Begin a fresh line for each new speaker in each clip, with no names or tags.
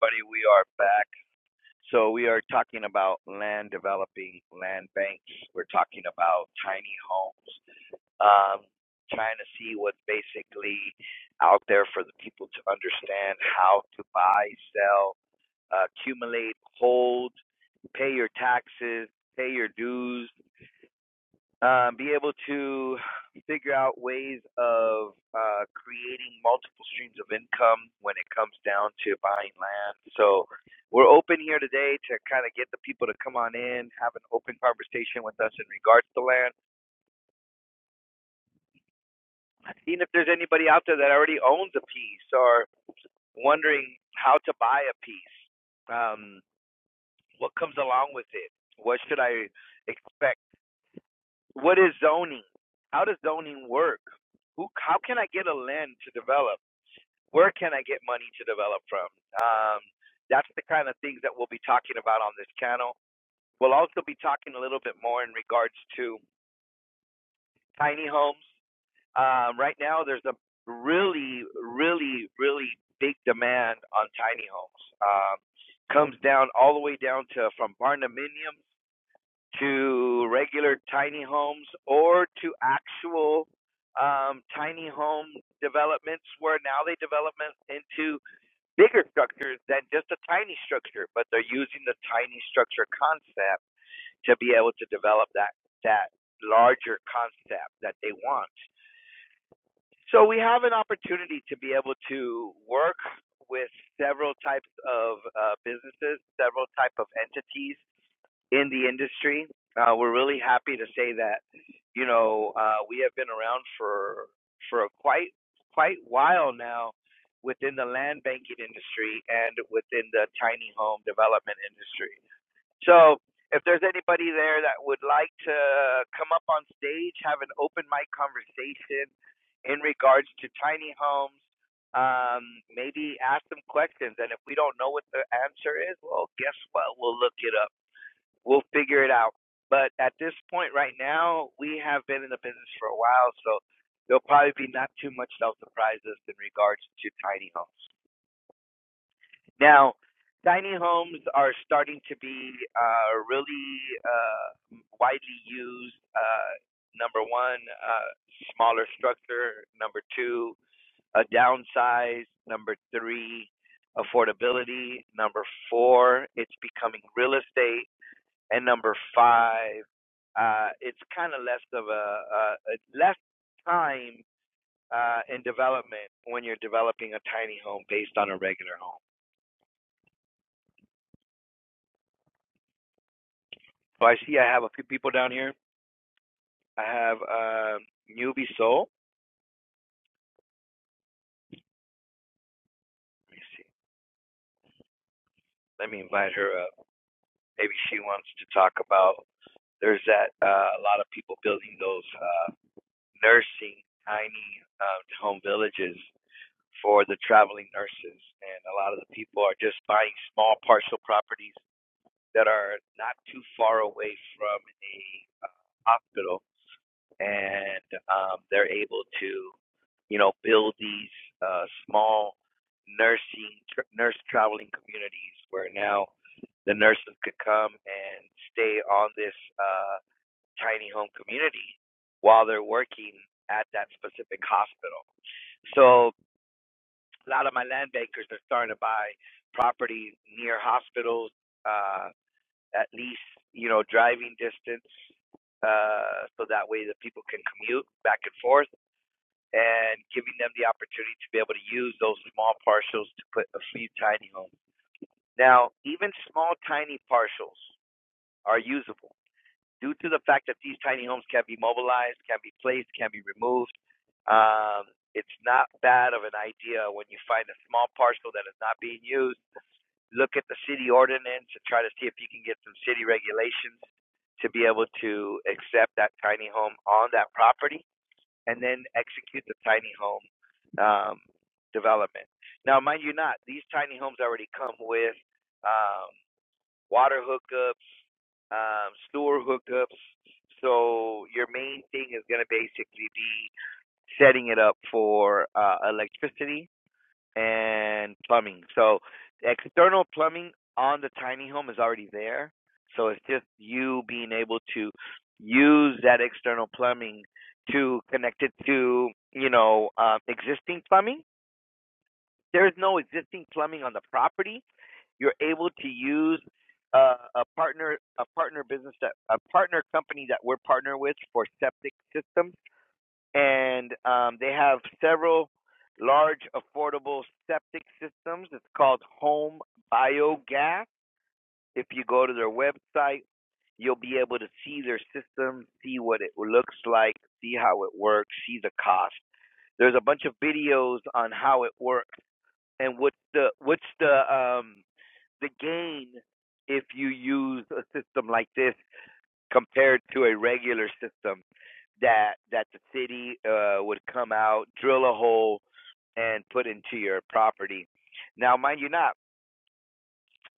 Buddy, We are back. So we are talking about land developing, land banks. We're talking about tiny homes. Um, trying to see what's basically out there for the people to understand how to buy, sell, uh, accumulate, hold, pay your taxes, pay your dues um, be able to figure out ways of uh, creating multiple streams of income when it comes down to buying land. So we're open here today to kind of get the people to come on in, have an open conversation with us in regards to land. Even if there's anybody out there that already owns a piece or wondering how to buy a piece, um, what comes along with it, what should I expect What is zoning? How does zoning work? Who? How can I get a land to develop? Where can I get money to develop from? Um, that's the kind of things that we'll be talking about on this channel. We'll also be talking a little bit more in regards to tiny homes. Um, right now, there's a really, really, really big demand on tiny homes. Um, comes down all the way down to from barndominiums to regular tiny homes or to actual um, tiny home developments where now they develop it into bigger structures than just a tiny structure, but they're using the tiny structure concept to be able to develop that that larger concept that they want. So we have an opportunity to be able to work with several types of uh, businesses, several type of entities in the industry. Uh, we're really happy to say that you know uh, we have been around for for a quite quite while now within the land banking industry and within the tiny home development industry. So if there's anybody there that would like to come up on stage, have an open mic conversation in regards to tiny homes, um, maybe ask them questions. And if we don't know what the answer is, well, guess what? We'll look it up We'll figure it out. But at this point right now, we have been in the business for a while, so there'll probably be not too much self-surprises in regards to tiny homes. Now, tiny homes are starting to be uh, really uh, widely used. Uh, number one, uh, smaller structure. Number two, a downsize. Number three, affordability. Number four, it's becoming real estate and number five, uh, it's kind of less of a, a, a less time uh, in development when you're developing a tiny home based on a regular home. So I see I have a few people down here. I have um, Newbie Soul. Let me see. Let me invite her up. Maybe she wants to talk about. There's that uh, a lot of people building those uh, nursing tiny uh, home villages for the traveling nurses, and a lot of the people are just buying small parcel properties that are not too far away from a uh, hospital, and um, they're able to, you know, build these uh, small nursing tr nurse traveling communities where now the nurses could come and stay on this uh, tiny home community while they're working at that specific hospital. So a lot of my land bankers are starting to buy property near hospitals. Uh, at least you know driving distance, uh, so that way the people can commute back and forth, and giving them the opportunity to be able to use those small parcels to put a few tiny homes. Now, even small tiny parcels are usable due to the fact that these tiny homes can be mobilized, can be placed, can be removed, um, it's not bad of an idea when you find a small parcel that is not being used. Look at the city ordinance and try to see if you can get some city regulations to be able to accept that tiny home on that property and then execute the tiny home um, development. Now, mind you, not these tiny homes already come with um, water hookups, um, sewer hookups. So your main thing is going to basically be setting it up for uh, electricity and plumbing. So external plumbing on the tiny home is already there. So it's just you being able to use that external plumbing to connect it to, you know, um, existing plumbing. There is no existing plumbing on the property you're able to use uh, a partner a partner business that a partner company that we're partner with for septic systems, and um, they have several large affordable septic systems. It's called Home Biogas. If you go to their website, you'll be able to see their system, see what it looks like, see how it works, see the cost. There's a bunch of videos on how it works and what's the what's the um the gain if you use a system like this compared to a regular system that that the city uh, would come out, drill a hole, and put into your property. Now, mind you, not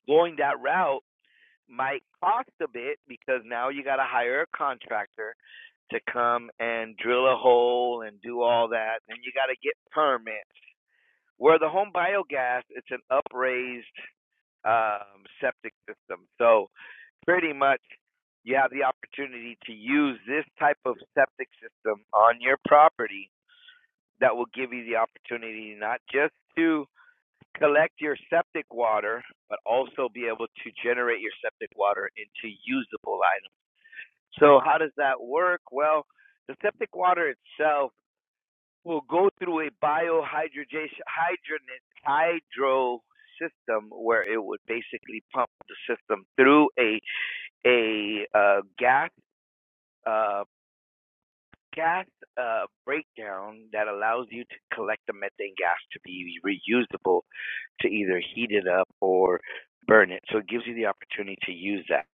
going that route might cost a bit because now you got to hire a contractor to come and drill a hole and do all that. Then you got to get permits. Where the home biogas, it's an upraised um, septic system. So pretty much you have the opportunity to use this type of septic system on your property that will give you the opportunity not just to collect your septic water, but also be able to generate your septic water into usable items. So, how does that work? Well, the septic water itself will go through a biohydrogenation hydro system where it would basically pump the system through a a uh, gas uh, gas uh, breakdown that allows you to collect the methane gas to be reusable to either heat it up or burn it. So it gives you the opportunity to use that.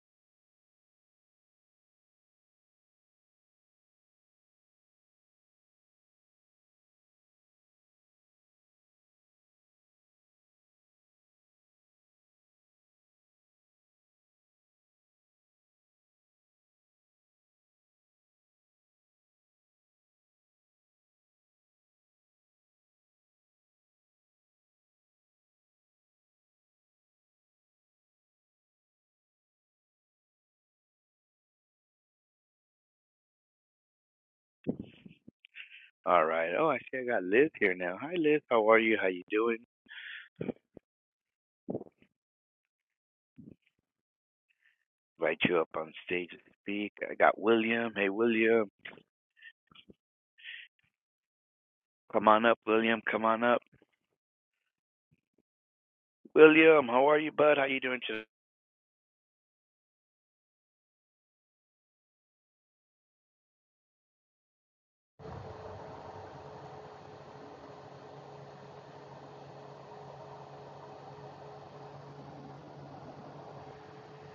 All right. Oh, I see. I got Liz here now. Hi, Liz. How are you? How you doing? Invite you up on stage to speak. I got William. Hey, William. Come on up, William. Come on up. William, how are you, bud? How you doing today?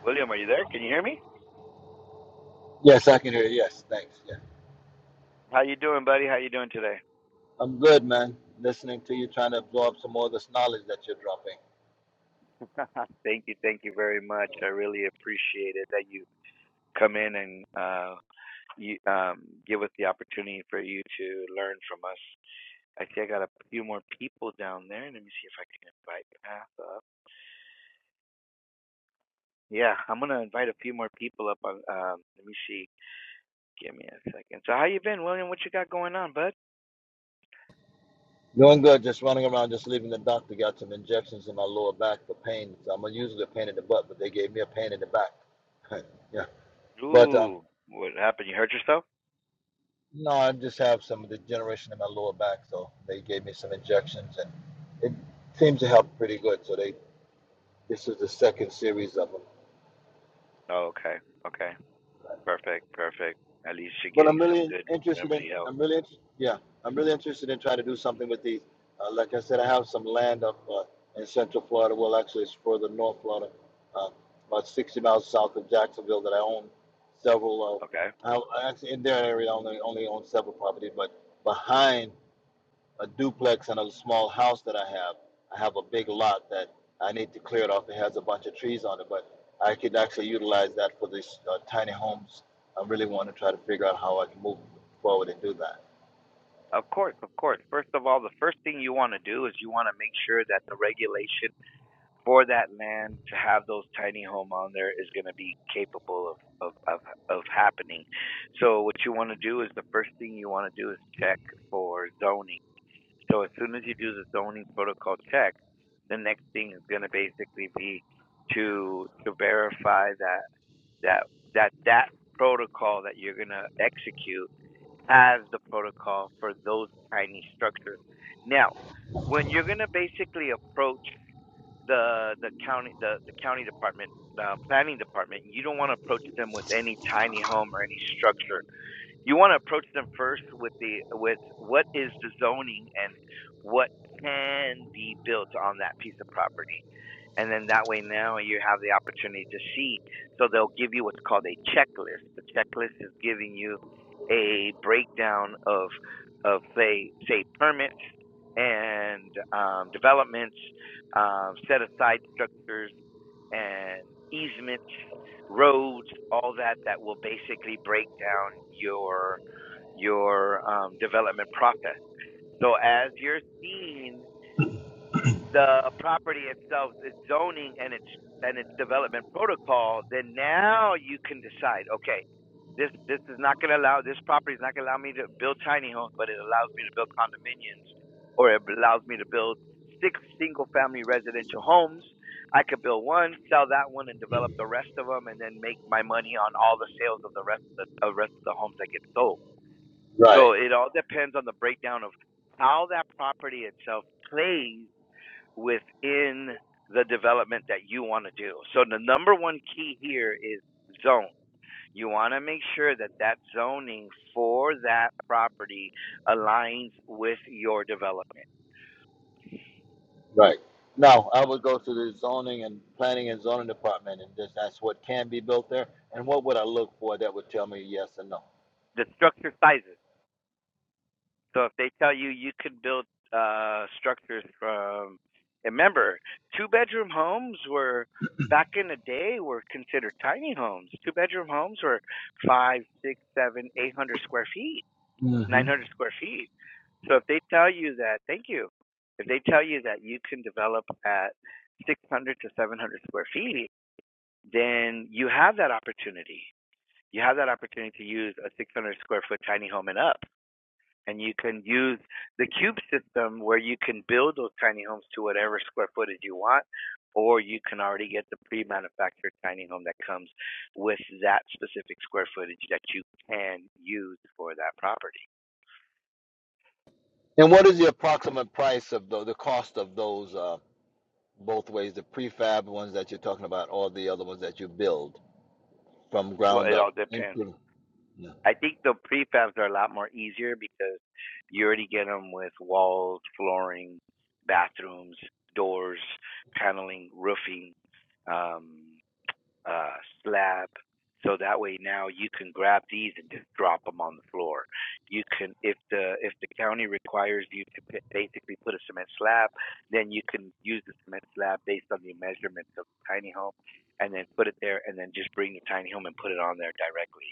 William, are you there? Can you hear me?
Yes, I can hear you. Yes, thanks. Yeah.
How you doing, buddy? How you doing today?
I'm good, man. Listening to you, trying to absorb some more of this knowledge that you're dropping.
thank you, thank you very much. I really appreciate it that you come in and uh, you um, give us the opportunity for you to learn from us. I see I got a few more people down there. Let me see if I can invite Path up. Yeah, I'm gonna invite a few more people up. On um, let me see. Give me a second. So how you been, William? What you got going on, bud?
Doing good, just running around, just leaving the doctor. Got some injections in my lower back for pain. So I'm usually a pain in the butt, but they gave me a pain in the back. yeah. But um,
Ooh, what happened? You hurt yourself?
no, I just have some degeneration in my lower back. So they gave me some injections and it seems to help pretty good. So they this is the second series of them.
Oh, okay. Okay. Perfect. Perfect. At least you're
but
getting
I'm
some
really
good
interested in.
remedy help.
I'm really, inter- yeah, I'm really interested in trying to do something with these. Uh, like I said, I have some land up uh, in Central Florida. Well, actually, it's further north Florida, uh, about 60 miles south of Jacksonville, that I own several.
Okay.
Uh, I, I actually, in their area, I only only own several properties, but behind a duplex and a
Hmm.
small house that I have. I have a big lot that I need to clear it off. It has a bunch of trees on it, but I could actually utilize that for these uh, tiny homes. I really want to try to figure out how I can move forward and do that.
Of course, of course. First of all, the first thing you want to do is you want to make sure that the regulation for that land to have those tiny home on there is going to be capable of, of, of, of happening. So what you want to do is the first thing you want to do is check for zoning. So as soon as you do the zoning protocol check, the next thing is going to basically be to to verify that that that that protocol that you're going to execute has the protocol for those tiny structures. Now, when you're going to basically approach the the county the, the county department the planning department you don't want to approach them with any tiny home or any structure you want to approach them first with the with what is the zoning and what can be built on that piece of property and then that way now you have the opportunity to see so they'll give you what's called a checklist the checklist is giving you a breakdown of of say say permits and um, developments um, set aside structures and easements roads, all that that will basically break down your your um, development process. So as you're seeing the property itself, its zoning and its and its development protocol, then now you can decide, okay, this this is not going to allow this property is not going to allow me to build tiny homes, but it allows me to build condominiums, or it allows me to build six single family residential homes. I could build one, sell that one, and develop the rest of them, and then make my money on all the sales of the rest of the, the rest of the homes that get sold.
Right,
So it all depends on the breakdown of how that property itself plays within the development that you want to do. So the number one key here is zone. You want to make sure that that zoning for that property aligns with your development.
right. Now, I would go to the zoning and planning and zoning department and just ask what can be built there and what would I look for that would tell me yes and no.
The structure sizes. So if they tell you you could build uh, structures from, remember, two bedroom homes were back in the day were considered tiny homes. Two bedroom homes were five, six, seven, eight hundred square feet
hmm
900 square feet. So if they tell you that, thank you. If they tell you that you can develop at 600 to 700 square feet, then you have that opportunity. You have that opportunity to use a 600 square foot tiny home and up. And you can use the cube system where you can build those tiny homes to whatever square footage you want, or you can already get the pre manufactured tiny home that comes with that specific square footage that you can use for that property.
And what is the approximate price of the, the cost of those? uh, both ways the prefab ones that you're talking about or the other ones that you build from
Well,
ground
it all
up
depends.
improve
I think the prefabs are a lot more easier because you already get them with walls, flooring, bathrooms, doors, paneling, roofing, um, uh, slab. So that way now you can grab these and just drop them on the floor. You can, if the if the county requires you to p- basically put a cement slab, then you can use the cement slab based on the measurements of the tiny home, and then put it there, and then just bring the tiny home and put it on there directly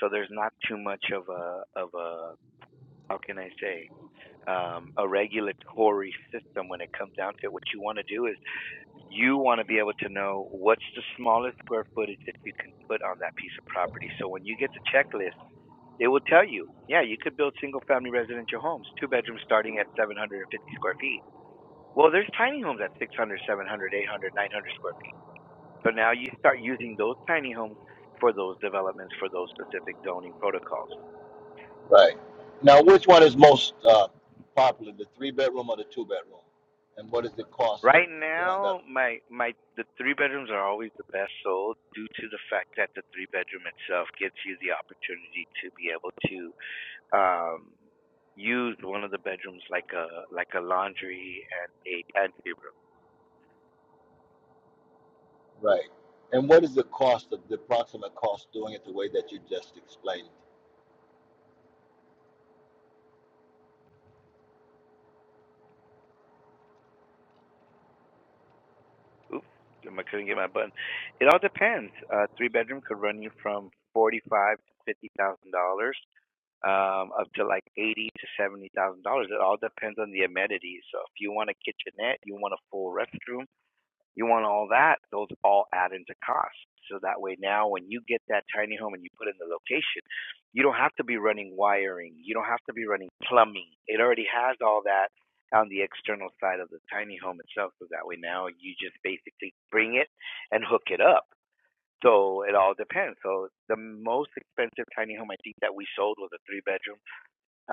so there's not too much of a of a how can I say um, a regulatory system when it comes down to it. What you want to do is you want to be able to know what's the smallest square footage that you can put on that piece of property. So when you get the checklist, it will tell you, yeah, you could build single family residential homes, two bedrooms starting at 750 square feet. Well, there's tiny homes at 600, 700, 800, 900 square feet. So now you start using those tiny homes for those developments for those specific zoning protocols.
right now which one is most uh, popular the three bedroom or the two bedroom and what is the cost of
Right
going that
now, my my the three bedrooms are always the best sold due to the fact that the three bedroom itself gives you the opportunity to be able to um use one of the bedrooms like a like a laundry and a pantry room.
right and what is the cost of the approximate cost doing it the way that you just explained
Oops, I couldn't get my button. It all depends. Uh, three bedroom could run you from forty five to fifty thousand dollars um, up to like eighty to seventy thousand dollars. It all depends on the amenities. So if you want a kitchenette, you want a full restroom, You want all that, those all add into cost. So that way now when you get that tiny home and you put in the location, you don't have to be running wiring, you don't have to be running plumbing. It already has all that on the external side of the tiny home itself. So that way now you just basically bring it and hook it up. So it all depends. So the most expensive tiny home I think that we sold was a three bedroom,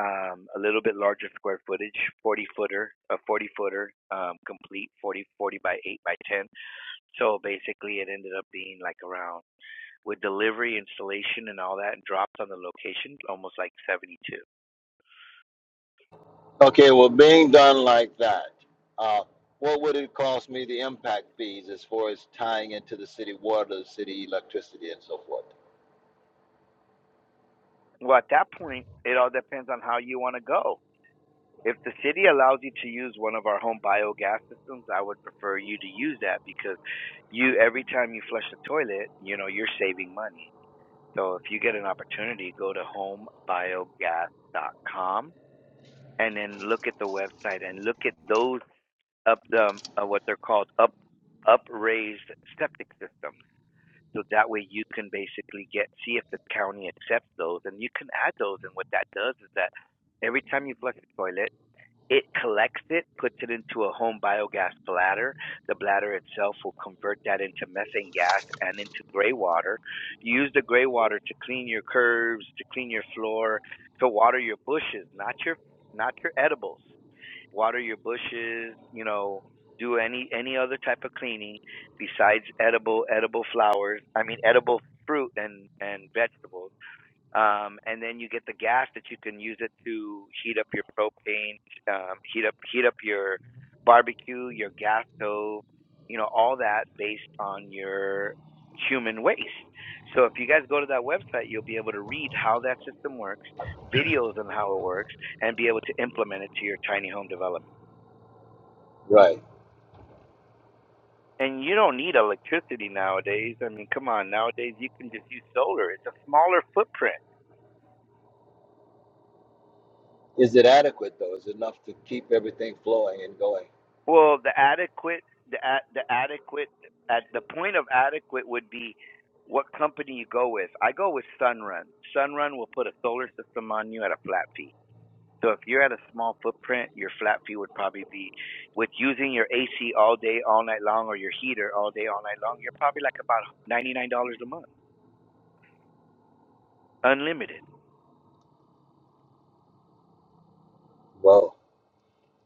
um, a little bit larger square footage, 40 footer, a 40 footer, um, complete 40 40 by 8 by 10 so basically, it ended up being like around with delivery, installation, and all that, and dropped on the location almost like 72.
okay well being done like that uh, what would it cost me the impact fees as far as tying into the city water the city electricity and so forth
Well, at that point, it all depends on how you want to go. If the city allows you to use one of our home biogas systems, I would prefer you to use that because you every time you flush the toilet, you know you're saving money. So if you get an opportunity, go to homebiogas.com and then look at the website and look at those up the uh, what they're called up upraised septic systems. So that way you can basically get see if the county accepts those, and you can add those. And what that does is that every time you flush the toilet, it collects it, puts it into a home biogas bladder. The bladder itself will convert that into methane gas and into gray water. You use the gray water to clean your curbs, to clean your floor, to water your bushes, not your not your edibles water your bushes, you know, do any any other type of cleaning besides edible edible flowers. I mean edible fruit and and vegetables. Um and then you get the gas that you can use it to heat up your propane, um heat up heat up your barbecue, your gas stove, you know, all that based on your human waste. So if you guys go to that website, you'll be able to read how that system works, videos on how it works, and be able to implement it to your tiny home development.
right
And you don't need electricity nowadays. I mean, come on, nowadays you can just use solar. It's a smaller footprint.
Is it adequate though? Is it enough to keep everything flowing and going?
Well, the adequate, the a- the adequate, at the point of adequate would be what company you go with. I go with Sunrun. Sunrun will put a solar system on you at a flat fee. So if you're at a small footprint, your flat fee would probably be with using your AC all day, all night long, or your heater all day, all night long. You're probably like about ninety nine dollars a month, unlimited.
Well,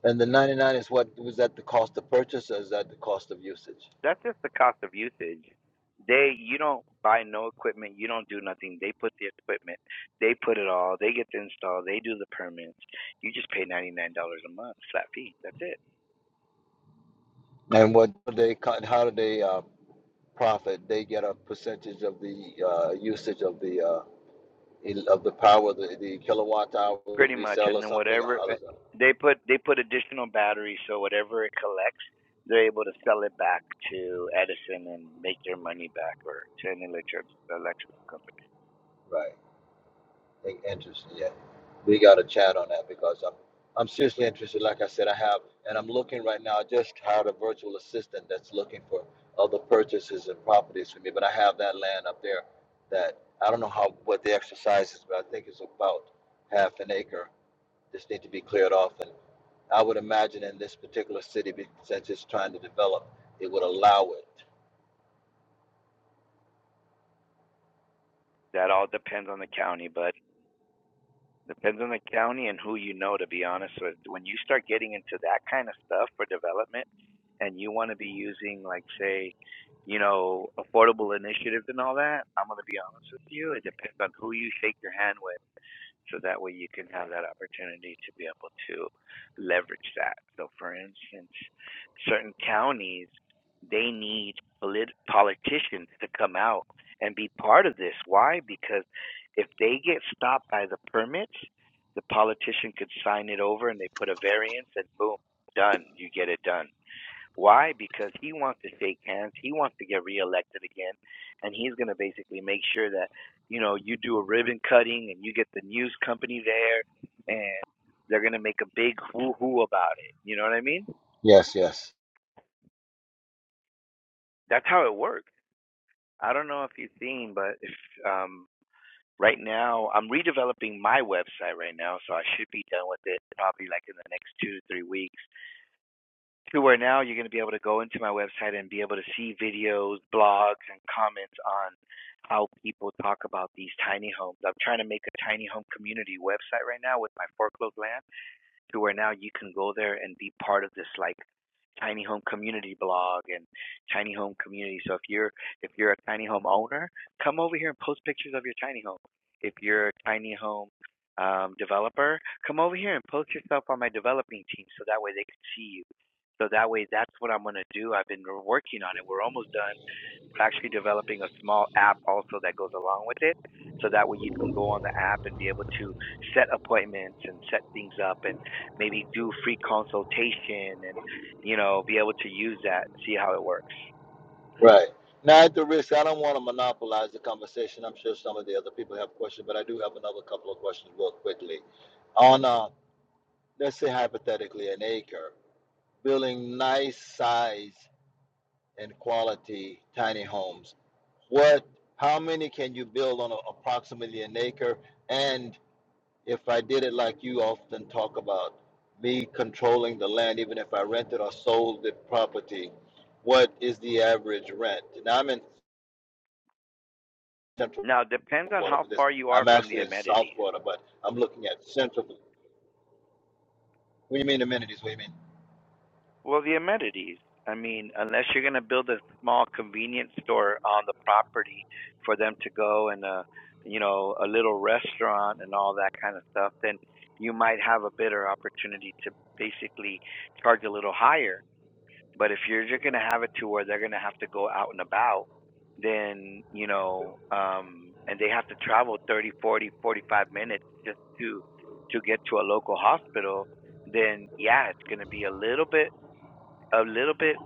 and the 99 is what was that the cost of purchase or is that the cost of usage?
that's just the cost of usage. They you don't buy no equipment, you don't do nothing. They put the equipment, they put it all, they get the install, they do the permits. You just pay ninety nine dollars a month flat fee. That's it,
And what do they co- how do they uh, profit? They get a percentage of the uh, usage of the uh, el- of the power, the, the kilowatt hour, and
pretty much.
resell
And
or
then
something. Or
whatever
how
uh,
does that?
they put they put additional batteries, so whatever it collects, they're able to sell it back to Edison and make their money back, or to an electric electric company.
Right. I- Interesting, yeah. We got to chat on that because I'm, I'm seriously interested. Like I said, I have, and I'm looking right now. I just hired a virtual assistant that's looking for other purchases and properties for me. But I have that land up there that I don't know how what the exercise is, but I think it's about half an acre. Just need to be cleared off, and I would imagine in this particular city, be- since it's trying to develop, it would allow it.
That all depends on the county, but Depends on the county and who you know, to be honest with. When you start getting into that kind of stuff for development and you want to be using, like, say, you know, affordable initiatives and all that, I'm going to be honest with you. It depends on who you shake your hand with. So that way you can have that opportunity to be able to leverage that. So, for instance, certain counties, they need polit- politicians to come out and be part of this. Why? Because if they get stopped by the permits, the politician could sign it over and they put a variance and boom, done. You get it done. Why? Because he wants to shake hands. He wants to get reelected again, and he's going to basically make sure that you know you do a ribbon cutting and you get the news company there, and they're going to make a big hoo hoo about it. You know what I mean?
Yes, yes.
That's how it works. I don't know if you've seen, but if, um, right now I'm redeveloping my website right now, so I should be done with it probably like in the next two to three weeks to where now you're going to be able to go into my website and be able to see videos, blogs, and comments on how people talk about these tiny homes. I'm trying to make a tiny home community website right now with my foreclosed land to where now you can go there and be part of this like tiny home community blog and tiny home community. So if you're if you're a tiny home owner, come over here and post pictures of your tiny home. If you're a tiny home um, developer, come over here and post yourself on my developing team so that way they can see you. So that way, that's what I'm going to do. I've been working on it. We're almost done. We're actually developing a small app also that goes along with it. So that way, you can go on the app and be able to set appointments and set things up. And maybe do free consultation and you know be able to use that see how it works
Right. Now, at the risk, I don't want to monopolize the conversation. I'm sure some of the other people have questions, but I do have another couple of questions real quickly. On, uh, let's say hypothetically, an acre, building nice size and quality tiny homes. What, how many can you build on a, approximately an acre? And if I did it like you often talk about, me controlling the land, even if I rented or sold the property, what is the average rent? Now, I'm in Central.
now it depends on
Florida
how
for this.
far you are
I'm
from the
actually in South
amenities
Florida, but I'm looking at Central. What do you mean amenities? What do you mean?
well the amenities i mean unless you're going to build a small convenience store on the property for them to go and uh you know a little restaurant and all that kind of stuff then you might have a better opportunity to basically charge a little higher But if you're just gonna have it to where they're gonna have to go out and about, then you know, um, and they have to travel 30, 40, 45 minutes just to to get to a local hospital, then yeah, it's gonna be a little bit a little bit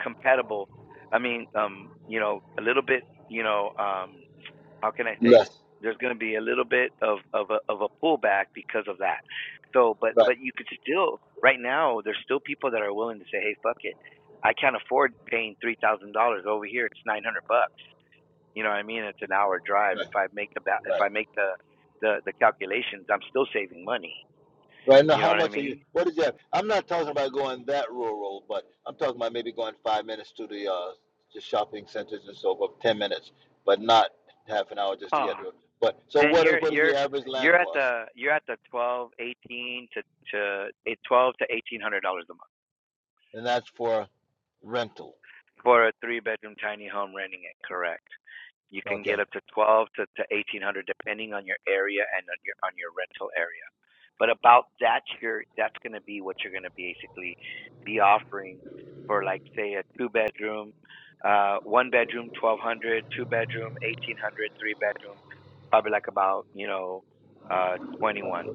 compatible. I mean, um, you know, a little bit, you know, um how can I say
Less.
there's going to be a little bit of of a, of a pullback because of that. So, but
Right.
but you could still right now there's still people that are willing to say, hey, fuck it, I can't afford paying three thousand dollars over here. It's nine hundred bucks. You know what I mean? It's an hour drive.
Right.
If I make the if
Right.
I make the the the calculations, I'm still saving money.
Right now,
You know
how
what I
much are you?
mean?
What does you have? I'm not talking about going that rural, but I'm talking about maybe going five minutes to the uh, the shopping centers and so forth, ten minutes, but not half an hour just to
Oh,
get to it. But so
then
what is
you're
what is
you're
the average
you're
land
at
cost?
the you're at the twelve eighteen to to eh, twelve to eighteen hundred dollars a month
And that's for rental.
for a three bedroom tiny home renting it correct you can get
Okay.
up to 12 to, to 1800 depending on your area and on your on your rental area but about that, your that's going to be what you're going to basically be offering for like say a two bedroom uh one bedroom hundred, bedroom eighteen bedroom probably like about you know uh 21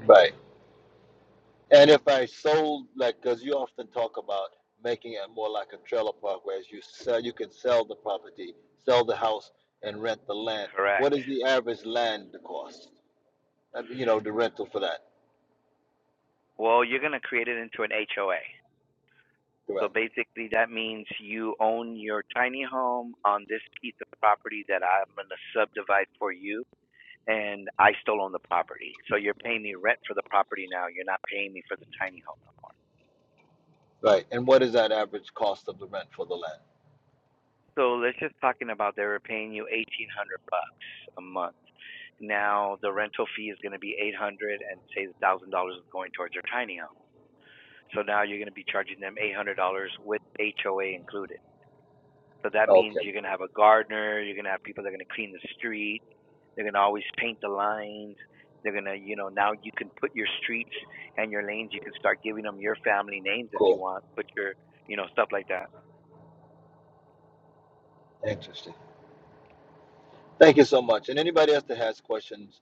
Right. And if I sold, like, because you often talk about making it more like a trailer park, whereas you sell, you can sell the property, sell the house, and rent the land. What
correct
is the average land cost? I mean, you know, the rental for that,
well you're going to create it into an HOA So
correct?
basically, that means you own your tiny home on this piece of property that I'm going to subdivide for you, and I still own the property. So you're paying me rent for the property now. You're not paying me for the tiny home no more.
Right. And what is that average cost of the rent for the land?
So let's just talking about they were paying you eighteen hundred bucks a month. Now the rental fee is going to be eight hundred, and say the thousand dollars is going towards your tiny home. So now you're going to be charging them eight hundred dollars with HOA included. So that means
Okay,
you're going to have a gardener, you're going to have people that are going to clean the street, They're gonna always paint the lines. They're gonna, you know, now you can put your streets and your lanes. You can start giving them your family names if you
cool,
want. Put your, you know, stuff like that.
interesting. Thank you so much. And anybody else that has questions,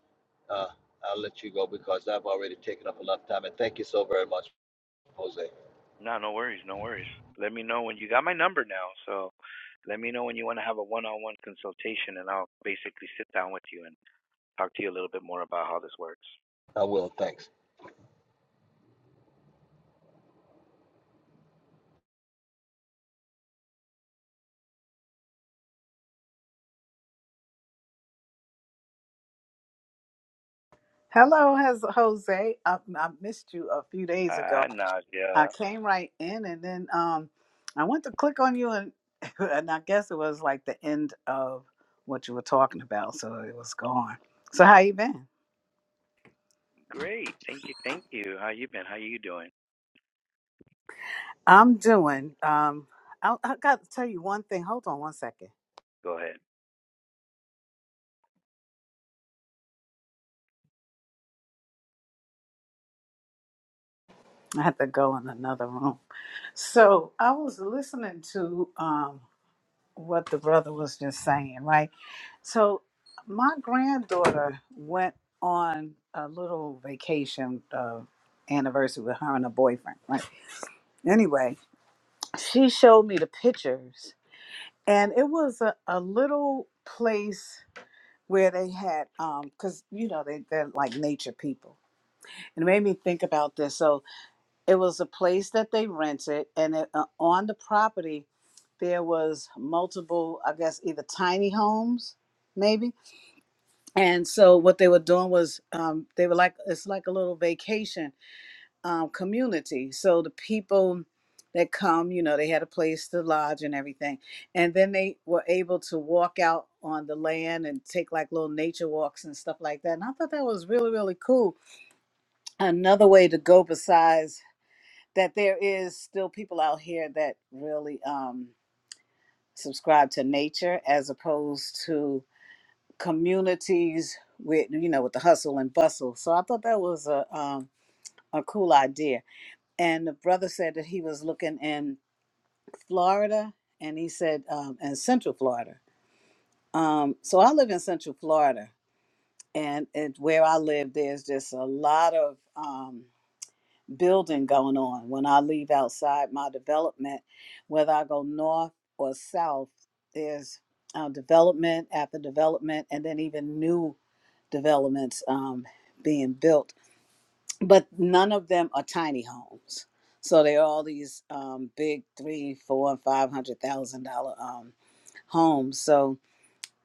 uh, I'll let you go because I've already taken up a lot of time. And thank you so very much, Jose.
No, no worries, no worries. Let me know when you got my number now. So, let me know when you want to have a one-on-one consultation, and I'll basically sit down with you and talk to you a little bit more about how this works.
I will. Thanks.
Hello, has Jose. I, I missed you a few days ago.
Ah,
I
Nadia,
came right in, and then um, I went to click on you, and and I guess it was like the end of what you were talking about, so it was gone. So how you been?
great. Thank you, thank you. How you been? How you doing?
I'm doing. Um, I, I got to tell you one thing. Hold on one second.
Go ahead.
I had to go in another room. So I was listening to um what the brother was just saying, right? So my granddaughter went on a little vacation uh, anniversary with her and her boyfriend. Right. Anyway, she showed me the pictures, and it was a, a little place where they had um because you know they, they're like nature people and it made me think about this so it was a place that they rented and it, uh, on the property there was multiple i guess either tiny homes maybe and so what they were doing was um, they were like it's like a little vacation um, community so the people that come you know they had a place to lodge and everything and then they were able to walk out on the land and take like little nature walks and stuff like that and i thought that was really really cool another way to go besides that there is still people out here that really um, subscribe to nature as opposed to communities with you know with the hustle and bustle. So I thought that was a um, a cool idea. And the brother said that he was looking in Florida, and he said um, in Central Florida. Um, so I live in Central Florida, and it, where I live, there's just a lot of um, building going on. When I leave outside my development, whether I go north or south, there's uh, development after development, and then even new developments um, being built, but none of them are tiny homes. So they're all these um, big three, four, and five hundred thousand dollar um, homes. So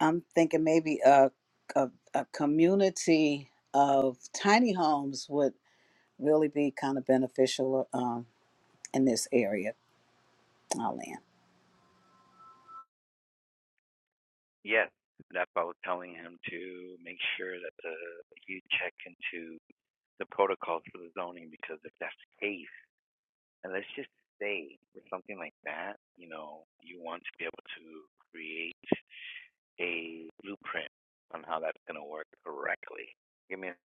I'm thinking maybe a, a a community of tiny homes would really be kind of beneficial um, in this area. I'll land.
Yes, that's why I was telling him to make sure that the you check into the protocols for the zoning because if that's the case, and let's just say with something like that, you know, you want to be able to create a blueprint on how that's going to work correctly. Give me. A,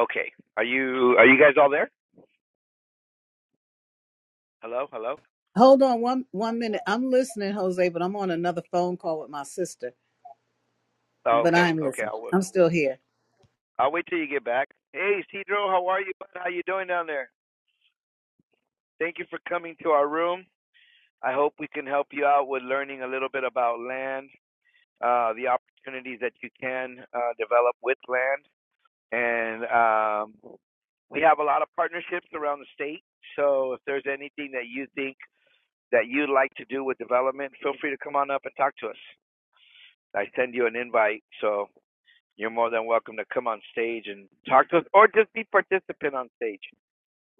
okay, are you are you guys all there? Hello, hello.
Hold on one one minute. I'm listening, Jose, but I'm on another phone call with my sister.
Oh,
But
okay,
I'm
okay.
listening.
I'll wait.
I'm still here.
I'll wait till you get back. Hey, Cedro, how are you? How you doing down there? Thank you for coming to our room. I hope we can help you out with learning a little bit about land, uh, the opportunities that you can uh, develop with land. And um, we have a lot of partnerships around the state. So if there's anything that you think that you'd like to do with development, feel free to come on up and talk to us. I send you an invite. So you're more than welcome to come on stage and talk to us or just be participant on stage.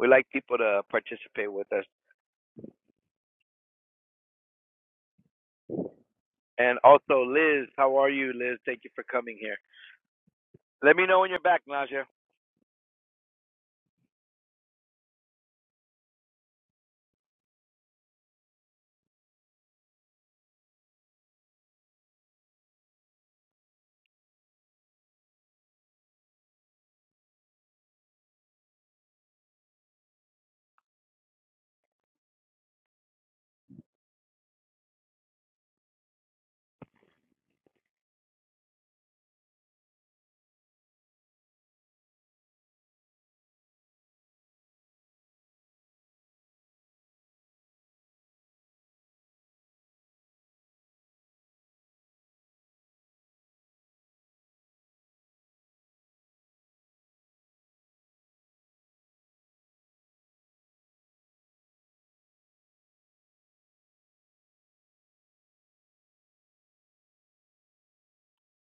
We like people to participate with us. And also, Liz, how are you, Liz? Thank you for coming here. Let me know when you're back, Naja.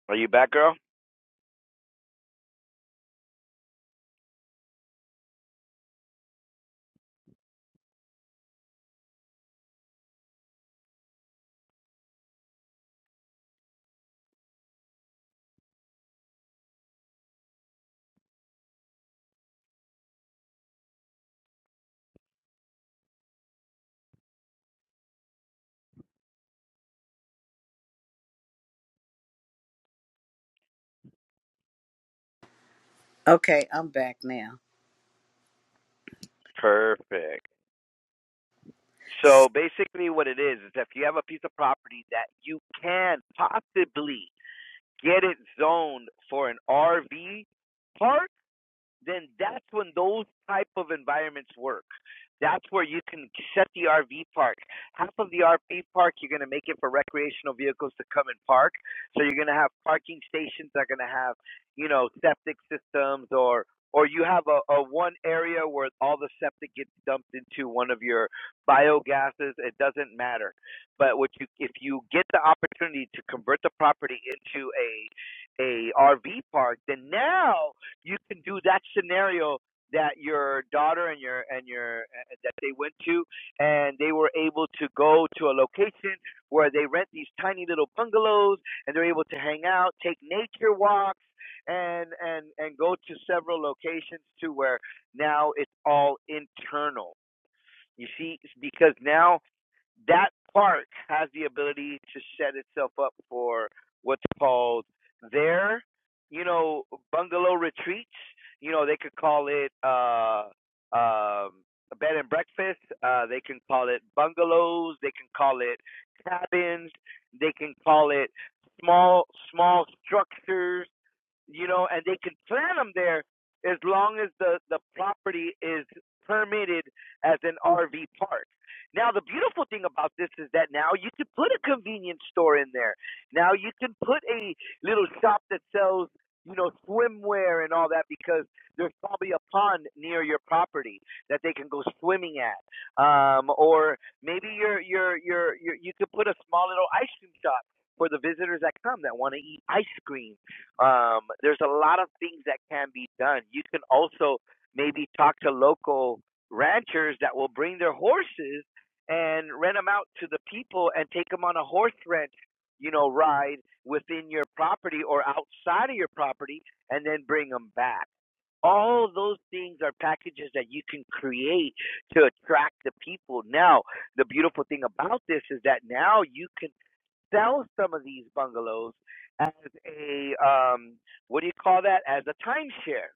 Are you back, girl?
Okay, I'm back now.
Perfect. So basically, what it is is if you have a piece of property that you can possibly get it zoned for an RV park. then that's when those type of environments work. That's where you can set the RV park. Half of the RV park, you're going to make it for recreational vehicles to come and park. So you're going to have parking stations that are going to have, you know, septic systems or or you have a, a one area where all the septic gets dumped into one of your biogases. It doesn't matter. But what you if you get the opportunity to convert the property into a a RV park, then now you can do that scenario that your daughter and your and your uh, that they went to and they were able to go to a location where they rent these tiny little bungalows and they're able to hang out take nature walks and and and go to several locations to where now it's all internal you see It's because now that park has the ability to set itself up for what's called their, you know, bungalow retreats. You know, they could call it uh, um, a bed and breakfast. Uh, they can call it bungalows. They can call it cabins. They can call it small small structures you know, and they can plant them there as long as the the property is permitted as an RV park. Now the beautiful thing about this is that now you can put a convenience store in there. Now you can put a little shop that sells, you know, swimwear and all that because there's probably a pond near your property that they can go swimming at. Um or maybe you're you're you're you're, you could put a small little ice cream shop for the visitors that come that want to eat ice cream um, there's a lot of things that can be done. You can also maybe talk to local ranchers that will bring their horses and rent them out to the people and take them on a horse rent, you know, ride within your property or outside of your property and then bring them back. All those things are packages that you can create to attract the people. Now, the beautiful thing about this is that now you can sell some of these bungalows as a um, what do you call that? As a timeshare.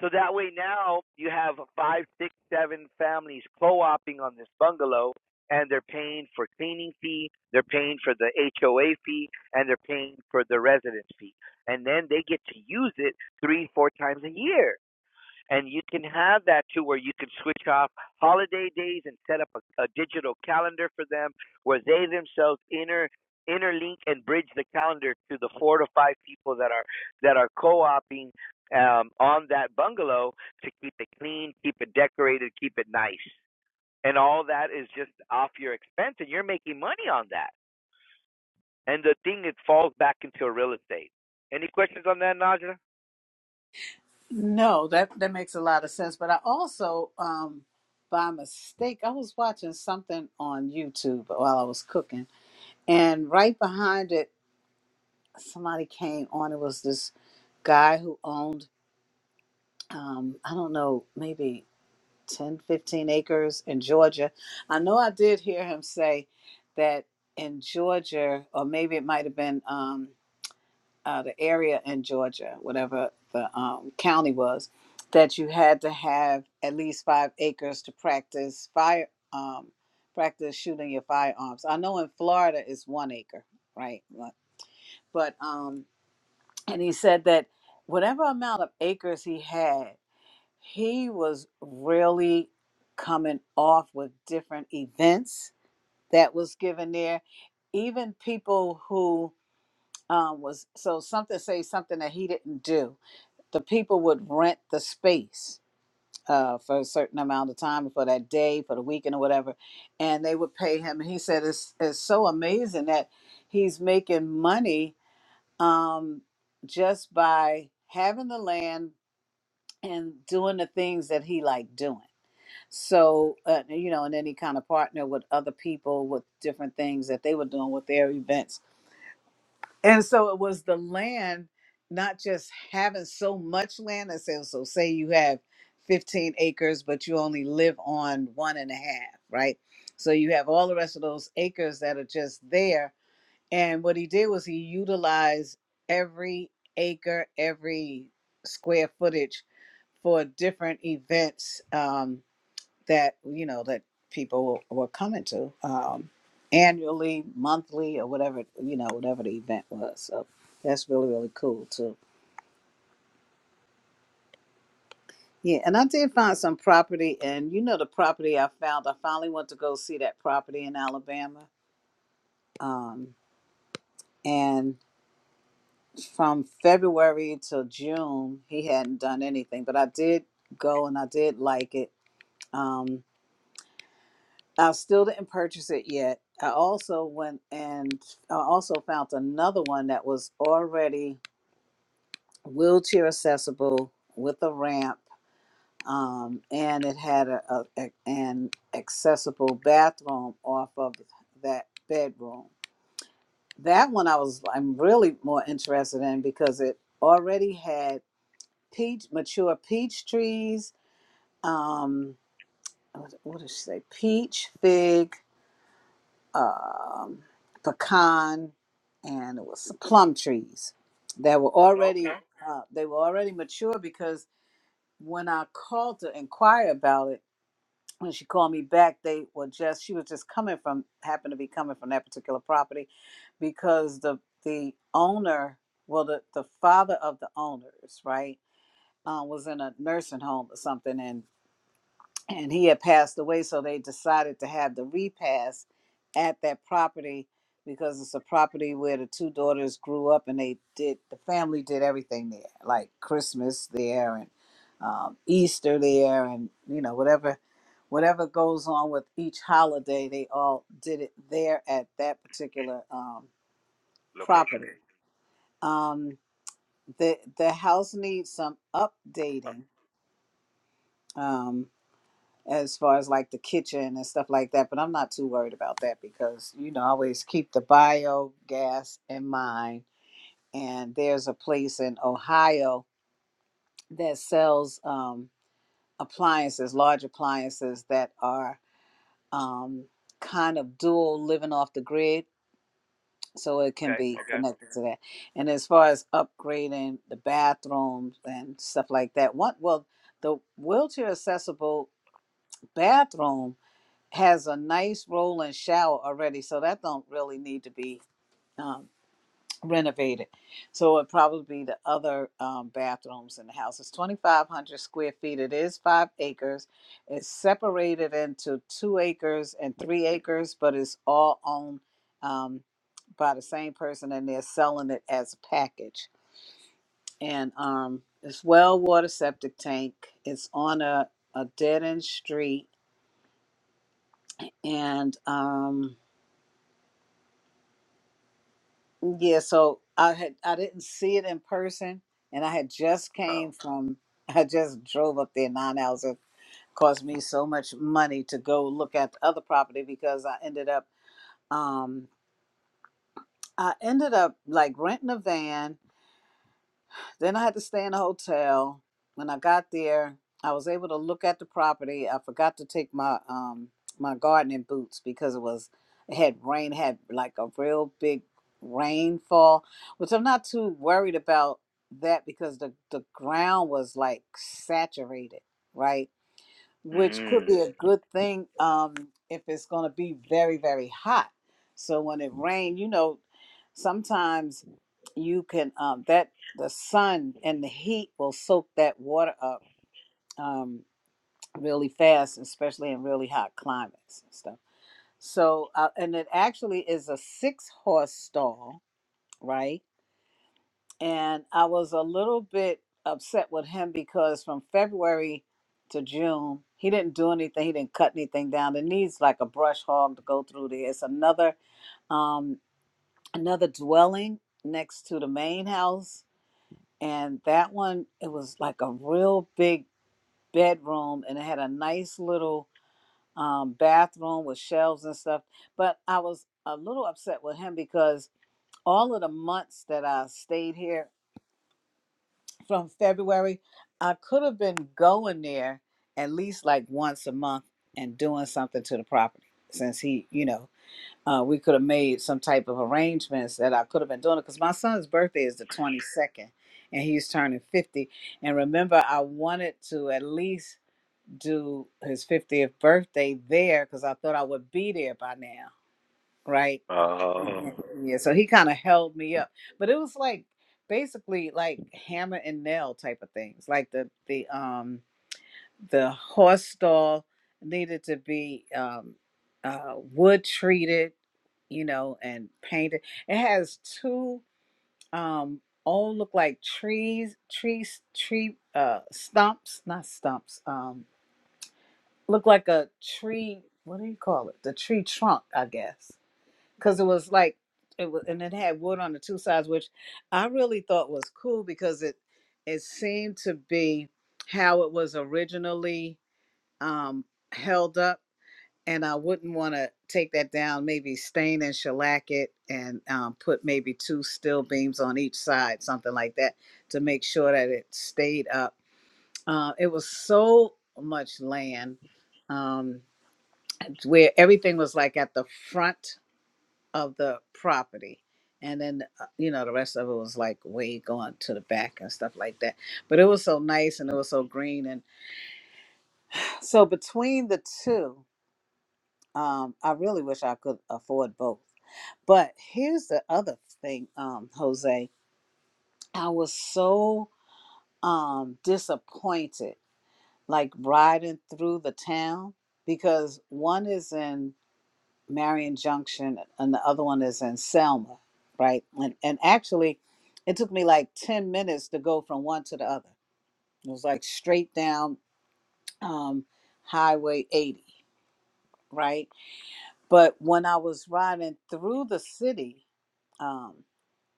So that way now you have five, six, seven families co-opting on this bungalow, and they're paying for cleaning fee, they're paying for the HOA fee, and they're paying for the residence fee, and then they get to use it three, four times a year and you can have that too where you can switch off holiday days and set up a, a digital calendar for them where they themselves inter interlink and bridge the calendar to the four to five people that are that are co-oping um, on that bungalow to keep it clean, keep it decorated, keep it nice. And all that is just off your expense and you're making money on that. And the thing it falls back into real estate. Any questions on that, Najra?
No, that that makes a lot of sense. But I also, um, by mistake, I was watching something on YouTube while I was cooking, and right behind it, somebody came on. It was this guy who owned, um, I don't know, maybe 10, 15 acres in Georgia. I know I did hear him say that in Georgia, or maybe it might have been. Um, uh, the area in Georgia, whatever the um, county was, that you had to have at least five acres to practice fire um, practice shooting your firearms. I know in Florida it's one acre, right? But um, and he said that whatever amount of acres he had, he was really coming off with different events that was given there. Even people who um, was so something say something that he didn't do the people would rent the space uh, for a certain amount of time for that day for the weekend or whatever and they would pay him and he said it's, it's so amazing that he's making money um, just by having the land and doing the things that he liked doing so uh, you know and then he kind of partnered with other people with different things that they were doing with their events and so it was the land, not just having so much land. I said, so say you have 15 acres, but you only live on one and a half, right? So you have all the rest of those acres that are just there. And what he did was he utilized every acre, every square footage for different events. Um, that you know that people were, were coming to um, annually, monthly, or whatever you know, whatever the event was. So that's really really cool too. Yeah, and I did find some property, and you know the property I found. I finally went to go see that property in Alabama, um, and from February till June, he hadn't done anything, but I did go and I did like it. Um, I still didn't purchase it yet. I also went and I also found another one that was already wheelchair accessible with a ramp, um, and it had a, a, a- an accessible bathroom off of that bedroom. That one I was I'm really more interested in because it already had peach mature peach trees. Um, what what did she say? Peach, fig, um, pecan, and it was some plum trees that were already
Okay.
uh, they were already mature because when I called to inquire about it, when she called me back, they were just she was just coming from happened to be coming from that particular property because the the owner, well the the father of the owners, right, uh, was in a nursing home or something, and and he had passed away, so they decided to have the repast at that property because it's a property where the two daughters grew up and they did the family did everything there, like Christmas there and um, Easter there, and you know whatever whatever goes on with each holiday, they all did it there at that particular um,
Location.
property. Um, the the house needs some updating. Um, as far as like the kitchen and stuff like that. But I'm not too worried about that because, you know, I always keep the biogas in mind. And there's a place in Ohio that sells um, appliances, large appliances that are um, kind of dual living off the grid. So it can
Okay.
be
Okay.
connected to that. And as far as upgrading the bathrooms and stuff like that, one, well, the wheelchair accessible bathroom has a nice rolling shower already, so that don't really need to be um, renovated. So it'd probably be the other um, bathrooms in the house. It's 2,500 square feet. It is five acres. It's separated into two acres and three acres, but it's all owned um, by the same person, and they're selling it as a package. And um, it's well water septic tank. It's on a, a dead end street, and um, Yeah, so I had I didn't see it in person, and I had just
Oh.
came from I just drove up there nine hours. It cost me so much money to go look at the other property because I ended up um I ended up like renting a van Then I had to stay in a hotel. When I got there, I was able to look at the property. I forgot to take my um my gardening boots because it was it had rain, had like a real big rainfall, which I'm not too worried about that because the the ground was like saturated, right? which could
Mm.
be a good thing um, if it's going to be very, very hot. So when it rains, you know, sometimes you can um, that the sun and the heat will soak that water up um, really fast, especially in really hot climates and stuff. So uh, and it actually is a six horse stall, right? and I was a little bit upset with him because from February to June, he didn't do anything. He didn't cut anything down. It needs like a brush hog to go through there. It's another um another dwelling next to the main house, and that one it was like a real big bedroom, and it had a nice little um bathroom with shelves and stuff. But I was a little upset with him because all of the months that I stayed here from February, I could have been going there at least like once a month and doing something to the property since he, you know, uh, we could have made some type of arrangements that I could have been doing it because my son's birthday is the 22nd and he's turning 50. And remember, I wanted to at least do his 50th birthday there because I thought I would be there by now, right? Mm,
Oh,
mm, mm, yeah so he kind of held me up but it was like basically like hammer and nail type of things like the the um the horse stall needed to be um uh wood treated you know and painted it has two um all look like trees trees tree uh stumps not stumps um look like a tree what do you call it the tree trunk i guess because it was like it was, and it had wood on the two sides, which I really thought was cool because it it seemed to be how it was originally um, held up, and I wouldn't want to take that down. Maybe stain and shellac it, and um, put maybe two steel beams on each side, something like that, to make sure that it stayed up. Uh, it was so much land um, where everything was like at the front of the property. And then, uh, you know, the rest of it was like way going to the back and stuff like that. But it was so nice and it was so green. And so between the two, um, I really wish I could afford both. But here's the other thing, um, Jose. I was so um, disappointed, like riding through the town because one is in Marion Junction, and the other one is in Selma, right? And and actually, it took me like ten minutes to go from one to the other. It was like straight down um, Highway 80, right? But when I was riding through the city, um,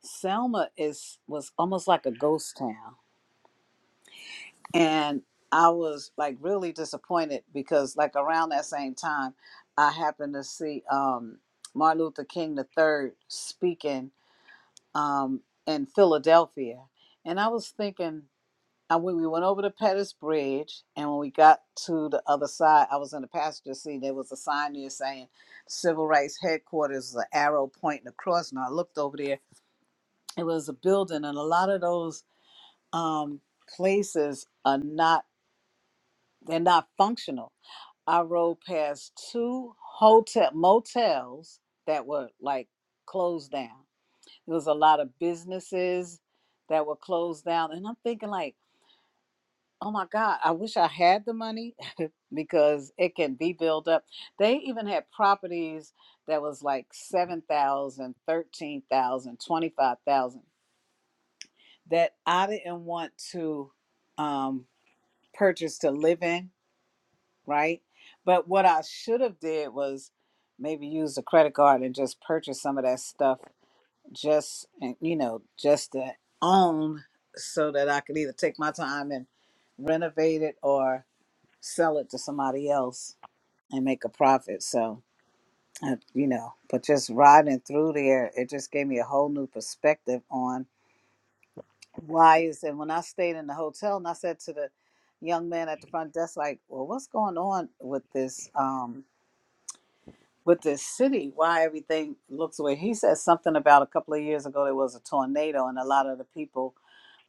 Selma is was almost like a ghost town, and I was like really disappointed because like around that same time, I happened to see um, Martin Luther King the third speaking um, in Philadelphia, and I was thinking uh, when we went over the Pettus Bridge, and when we got to the other side, I was in the passenger seat. There was a sign there saying "Civil Rights Headquarters," is an arrow pointing across, and I looked over there. It was a building, and a lot of those um, places are not they're not functional. I rode past two hotel motels that were like closed down There was a lot of businesses that were closed down. And I'm thinking like, oh my God, I wish I had the money because it can be built up. They even had properties that was like 7,000, 13,000, 25,000 that I didn't want to um, purchase to live in, right? But what I should have did was maybe use a credit card and just purchase some of that stuff just and, you know just to own so that i could either take my time and renovate it or sell it to somebody else and make a profit so uh, you know but just riding through there it just gave me a whole new perspective on why is and when i stayed in the hotel and i said to the young man at the front desk like well what's going on with this um with this city why everything looks the way he said something about a couple of years ago there was a tornado and a lot of the people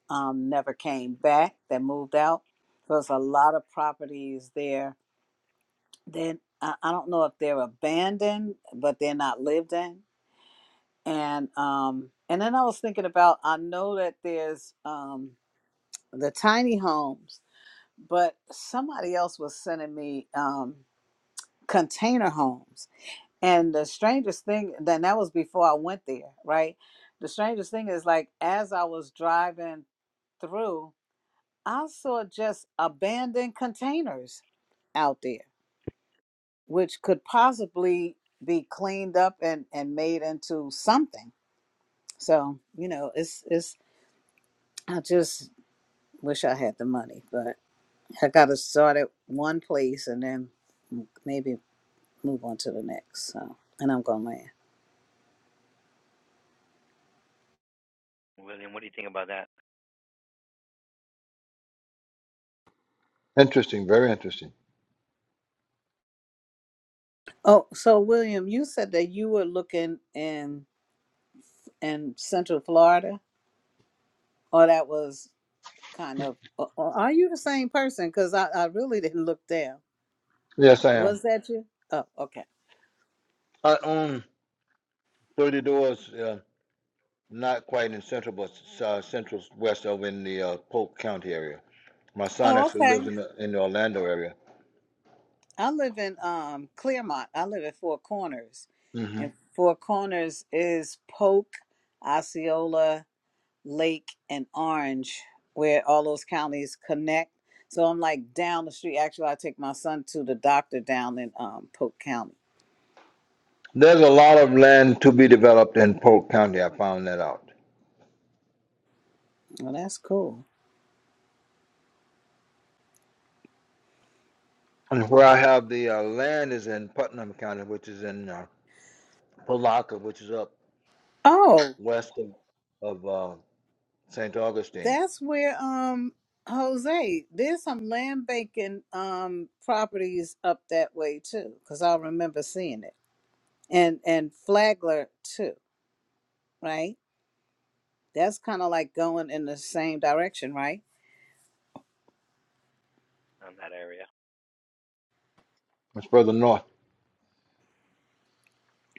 um, never came back. They moved out. So There's a lot of properties there. Then I, I don't know if they're abandoned, but they're not lived in. And um, and then I was thinking about I know that there's um, the tiny homes, but somebody else was sending me um, container homes. And the strangest thing, then that was before I went there, right? The strangest thing is like as I was driving through, I saw just abandoned containers out there, which could possibly be cleaned up and, and made into something. So, you know, it's it's I just wish I had the money, but I gotta start at one place and then maybe move on to the next. So and I'm gonna land.
William, what do you think about that
Interesting. Very interesting.
Oh, so William, you said that you were looking in in Central Florida, or that was kind of. Or or are you the same person? Because I, I really didn't look there.
Yes, I am.
Was that you? Oh, okay.
I own 30 doors, uh, not quite in central, but s- uh, central west over in the uh, Polk County area. My son
Oh,
actually lives
okay.
in the, in the Orlando area.
I live in um Clearmont. I live at Four Corners.
hmm
And Four Corners is Polk, Osceola, Lake, and Orange, where all those counties connect. So I'm like down the street. Actually, I take my son to the doctor down in um Polk County.
There's a lot of land to be developed in Polk County. I found that out.
Well, that's cool.
And where I have the uh, land is in Putnam County, which is in uh, Palaca, which is up
Oh,
west of, of uh, St. Augustine.
that's where um Jose, there's some land banking um properties up that way too, because I remember seeing it. and and Flagler too, right? That's kind of like going in the same direction, right?
on that area?
It's further north.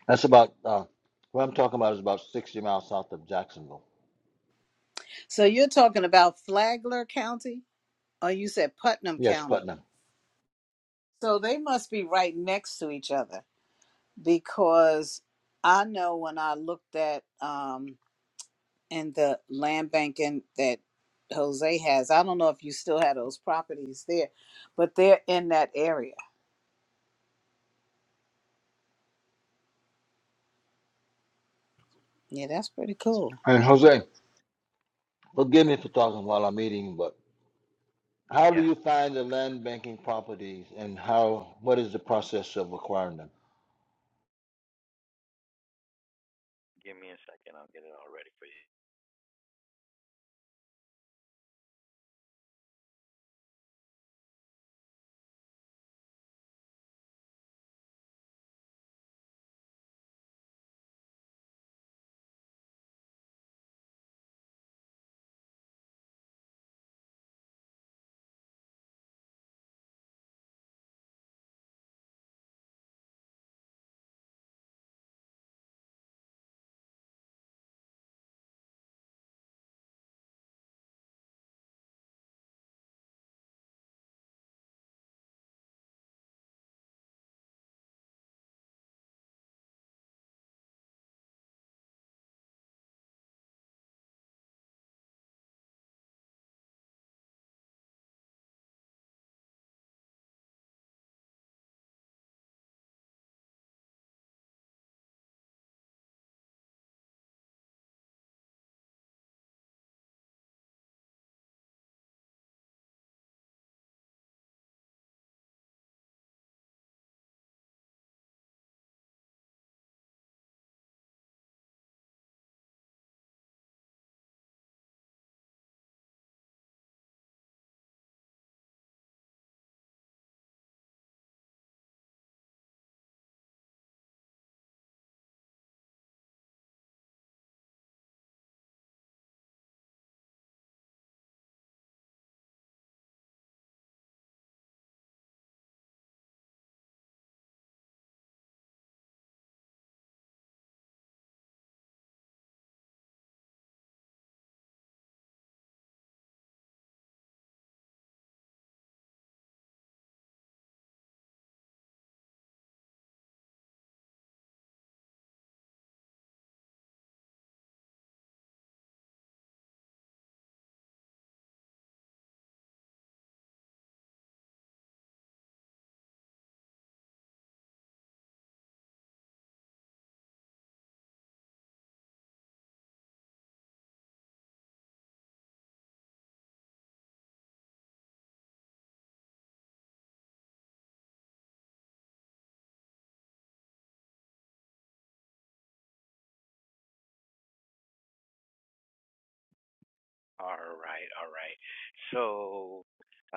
That's about, uh, what I'm talking about is about 60 miles south of Jacksonville.
So you're talking about Flagler County, or you said Putnam
Yes,
County.
Putnam.
So they must be right next to each other because I know when I looked at um in the land banking that Jose has, I don't know if you still have those properties there, but they're in that area. Yeah, that's pretty cool.
And Jose. Forgive me for talking while I'm eating, but how do
Yeah,
you find the land banking properties and how what is the process of acquiring them?
give me a second. I'll get it all ready for you. All right, all right. So,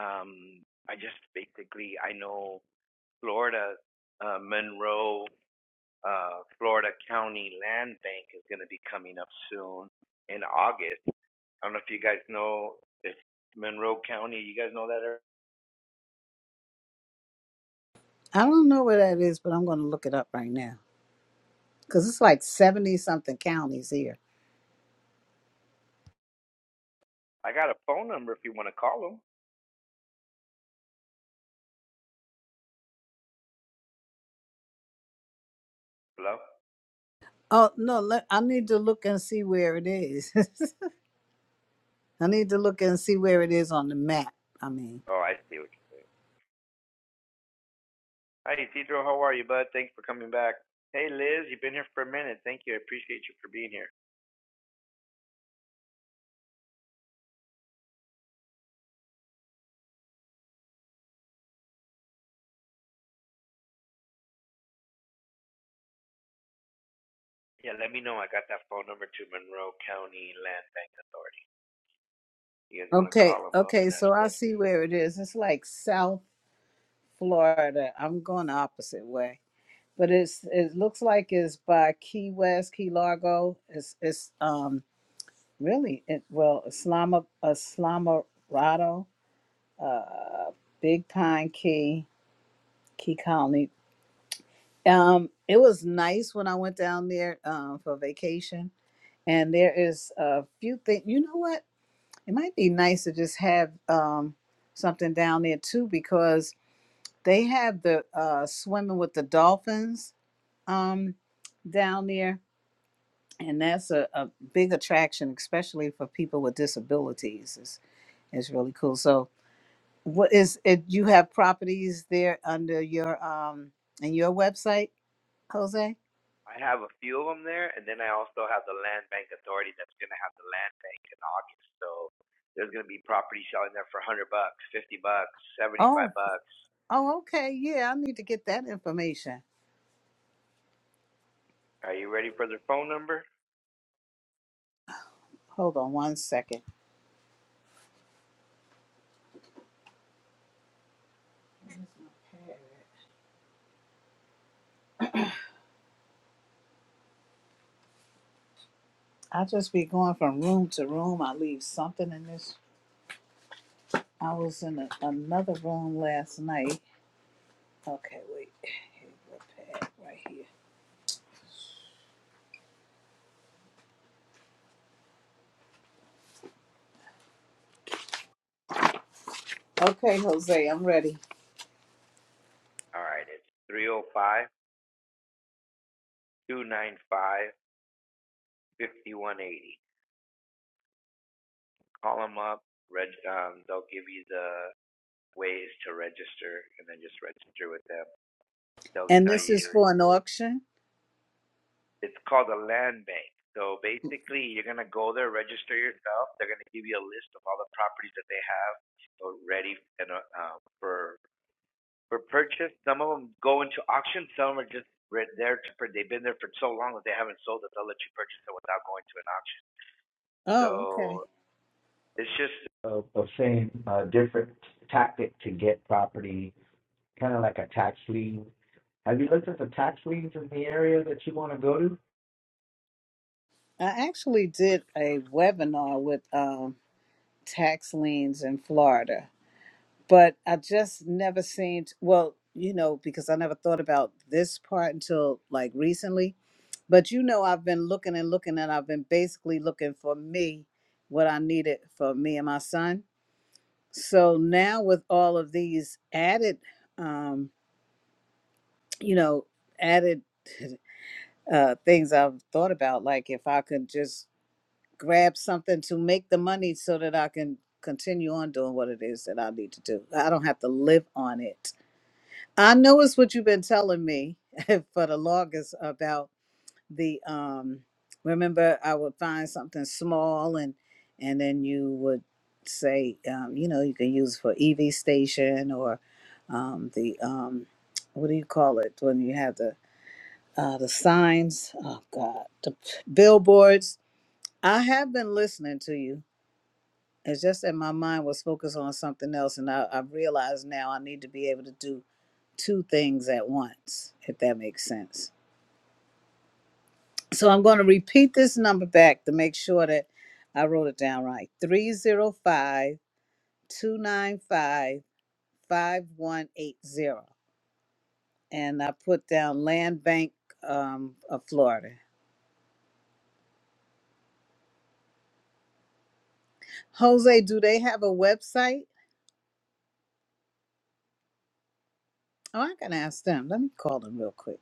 um, I just basically I know Florida, uh, Monroe, uh, Florida County Land Bank is going to be coming up soon in August. I don't know if you guys know if Monroe County. You guys know that? area?
I don't know where that is, but I'm going to look it up right now. because it's like 70 something counties here.
I got a phone number if you want to call them. Hello.
Oh, no, let, I need to look and see where it is. I need to look and see where it is on the map. I mean,
Oh, I see. what Hi, Isidro. How are you, bud? Thanks for coming back. Hey, Liz, you've been here for a minute. Thank you. I appreciate you for being here. Yeah, let me know. I got that phone number to Monroe County Land Bank Authority. You guys want to
okay,
call them up
okay,
and ask
so I see
questions?
where it is. It's like South Florida. I'm going the opposite way. But it's it looks like it's by Key West, Key Largo. It's it's um really it well Islama Islamorado, uh Big Pine Key, Key Colony. Um, it was nice when I went down there um, for vacation, and there is a few things. You know what? It might be nice to just have um, something down there too, because they have the uh, swimming with the dolphins um, down there, and that's a, a big attraction, especially for people with disabilities. It's, it's really cool. So, what is it? You have properties there under your um, in your website, Jose?
I have a few of them there, and then I also have the Land Bank Authority that's going to have the Land Bank in August. So there's going to be property selling there for 100 bucks, 50 bucks, 75
Oh.
bucks.
Oh, okay. Yeah, I need to get that information.
Are you ready for the phone number?
Hold on one second. I just be going from room to room. I leave something in this. I was in a, another room last night. Okay, wait. Here's the pad right here. Okay, Jose, I'm ready.
All right, it's three zero five two nine five fifty one eighty. Call them up. Reg, um, they'll give you the ways to register, and then just register with them. They'll
And
tell
this is
you
for an auction?
it's called a land bank. So basically, you're gonna go there, register yourself. They're gonna give you a list of all the properties that they have uh, ready and uh, um, for for purchase. Some of them go into auction. Some are just right there to, they've been there for so long that they haven't sold it. they'll let you purchase it without going to an auction. So
Oh, okay.
it's just a of saying a same uh, different tactic to get property kind of like a tax lien. Have you looked at the tax liens in the area that you want to go to?
I actually did a webinar with um, tax liens in Florida. but I just never seen. well, you know, because I never thought about this part until like recently. But you know, I've been looking and looking, and I've been basically looking for me, what I needed for me and my son. So now with all of these added, um, you know, added uh, things I've thought about, like if I could just grab something to make the money so that I can continue on doing what it is that I need to do. I don't have to live on it I know it's what you've been telling me for the longest about the um remember I would find something small and and then you would say um you know you can use for EV station or um the um what do you call it when you have the uh the signs oh god the billboards I have been listening to you it's just that my mind was focused on something else and I, I realize now I need to be able to do two things at once, if that makes sense. So I'm going to repeat this number back to make sure that I wrote it down right 305 295 5180. And I put down Land Bank um, of Florida. Jose, do they have a website? Oh, I can ask them. Let me call them real quick.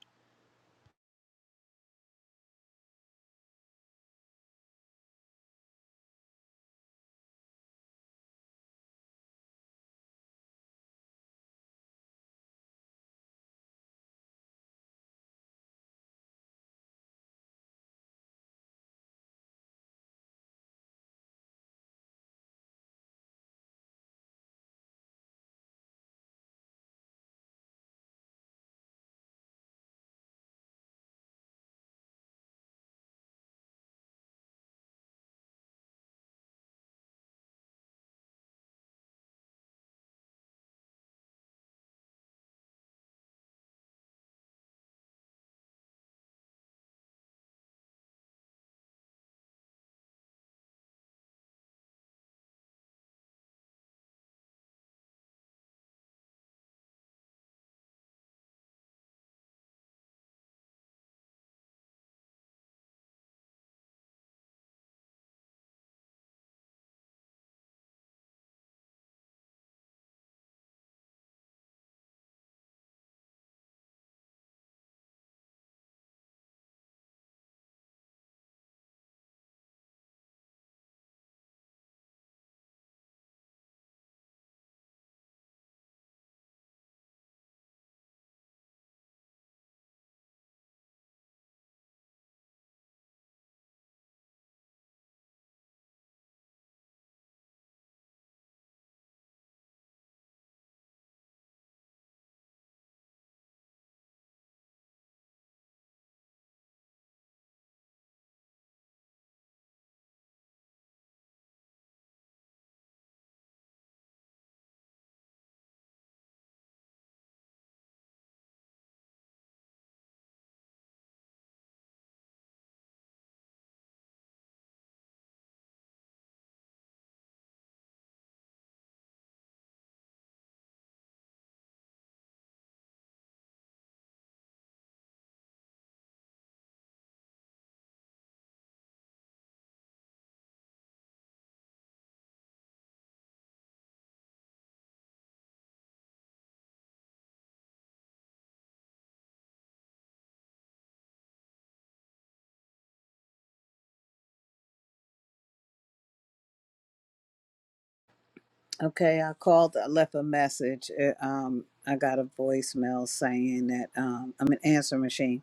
Okay, I called, I left a message. uh, Um, I got a voicemail saying that um, I'm an answer machine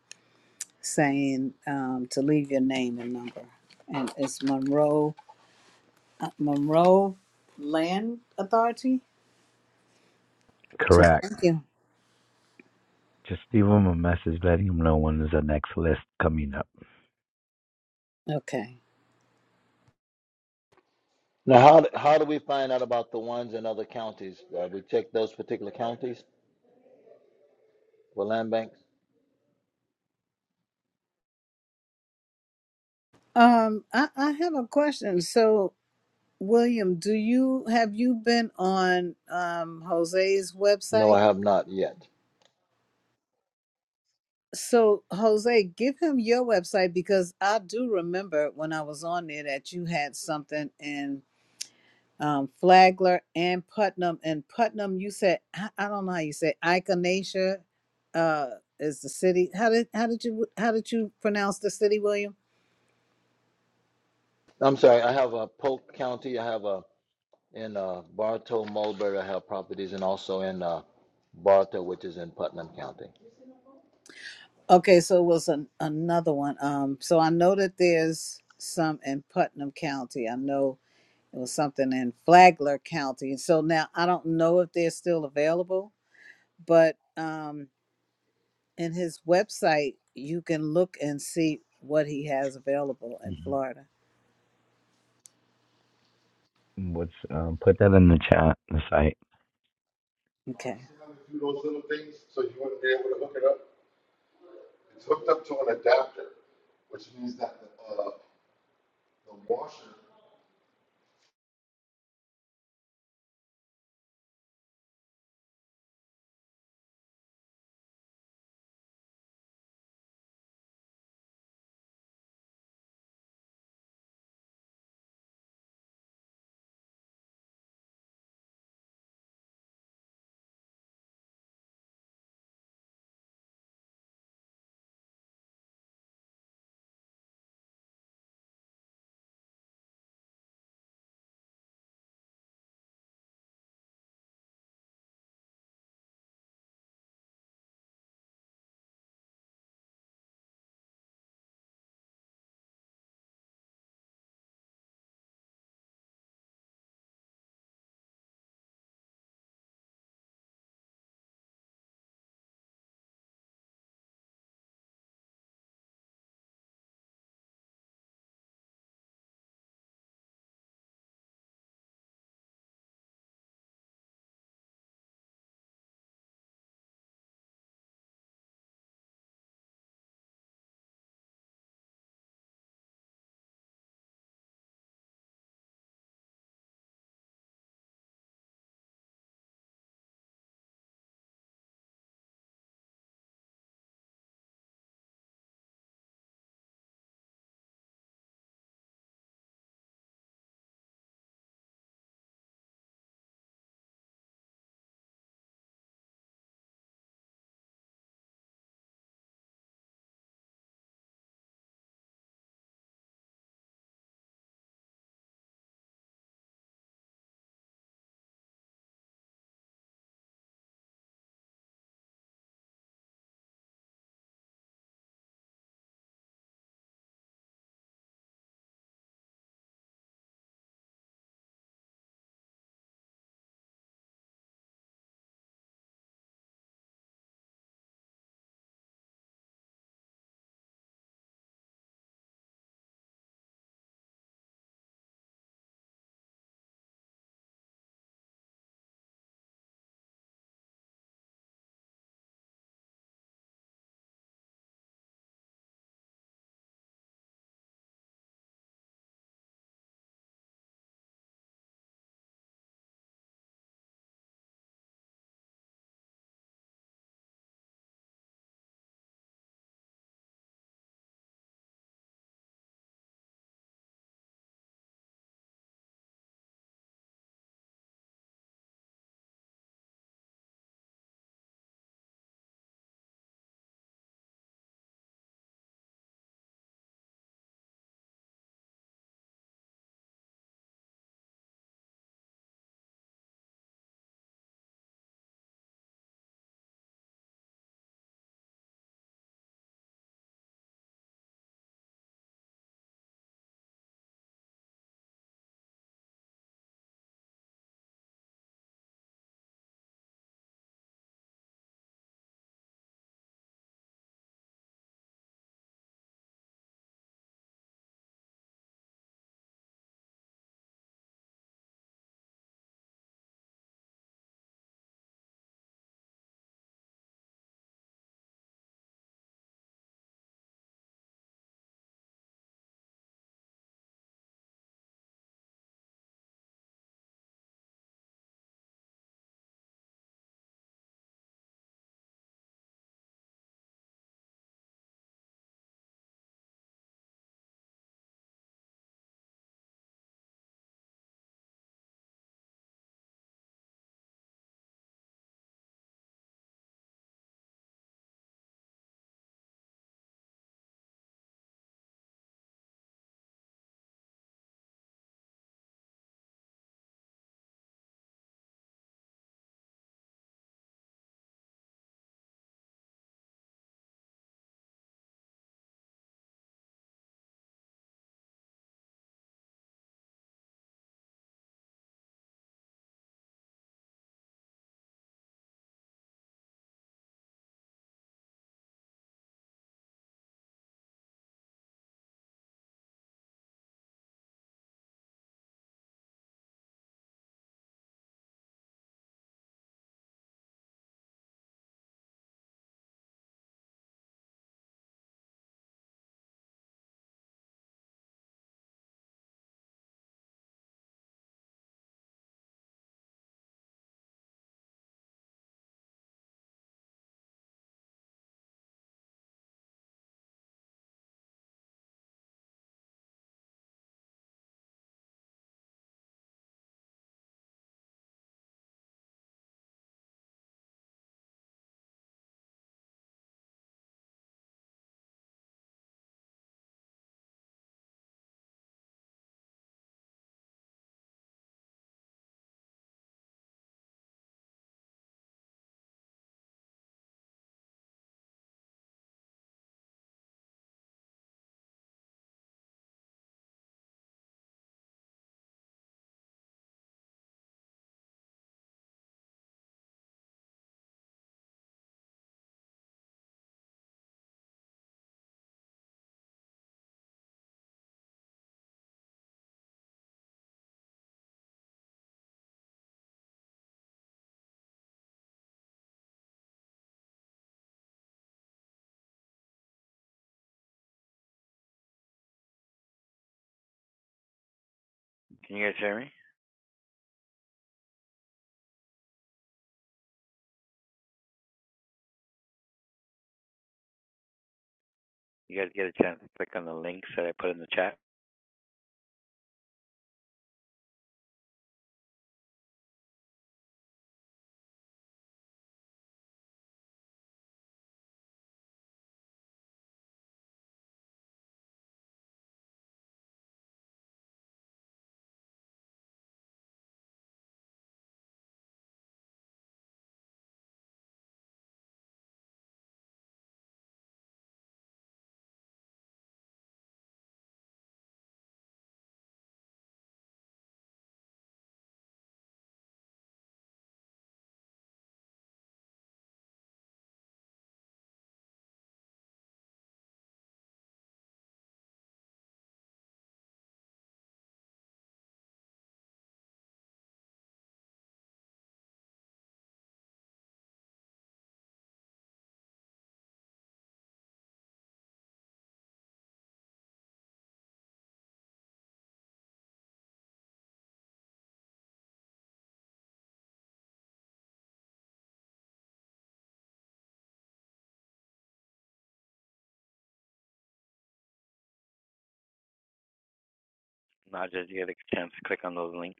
saying um, to leave your name and number. And it's Monroe, uh, Monroe Land Authority. So
Correct.
thank you.
Just leave him a message letting him know when is the next list coming up.
Okay.
Now, how, how do we find out about the ones in other counties? Uh, we check those particular counties for land banks?
Um, I, I have a question. So, William, do you have you been on um, Jose's
No, I
website?
have not yet.
So, Jose, give him your website because I do remember when I was on there that you had something in um, Flagler and Putnam. And Putnam, you said I, I don't know how you say Ikonacia, uh, is the city. How did how did you how did you pronounce the city, William?
I'm sorry, I have a Polk County, I have a in uh, Bartow, Mulberry, I have properties, and also in uh, Bartow, which is in Putnam County.
Okay, so it was an, another one. Um, so I know that there's some in Putnam County. I know it was something in Flagler County. So now I don't know if they're still available, but um, in his website you can look and see what he has available in Florida.
What's um, put that in the chat, the site.
Okay.
Can you guys hear me? You guys get a chance to click on the links that I put in the chat. Not just you get a chance to click on those links.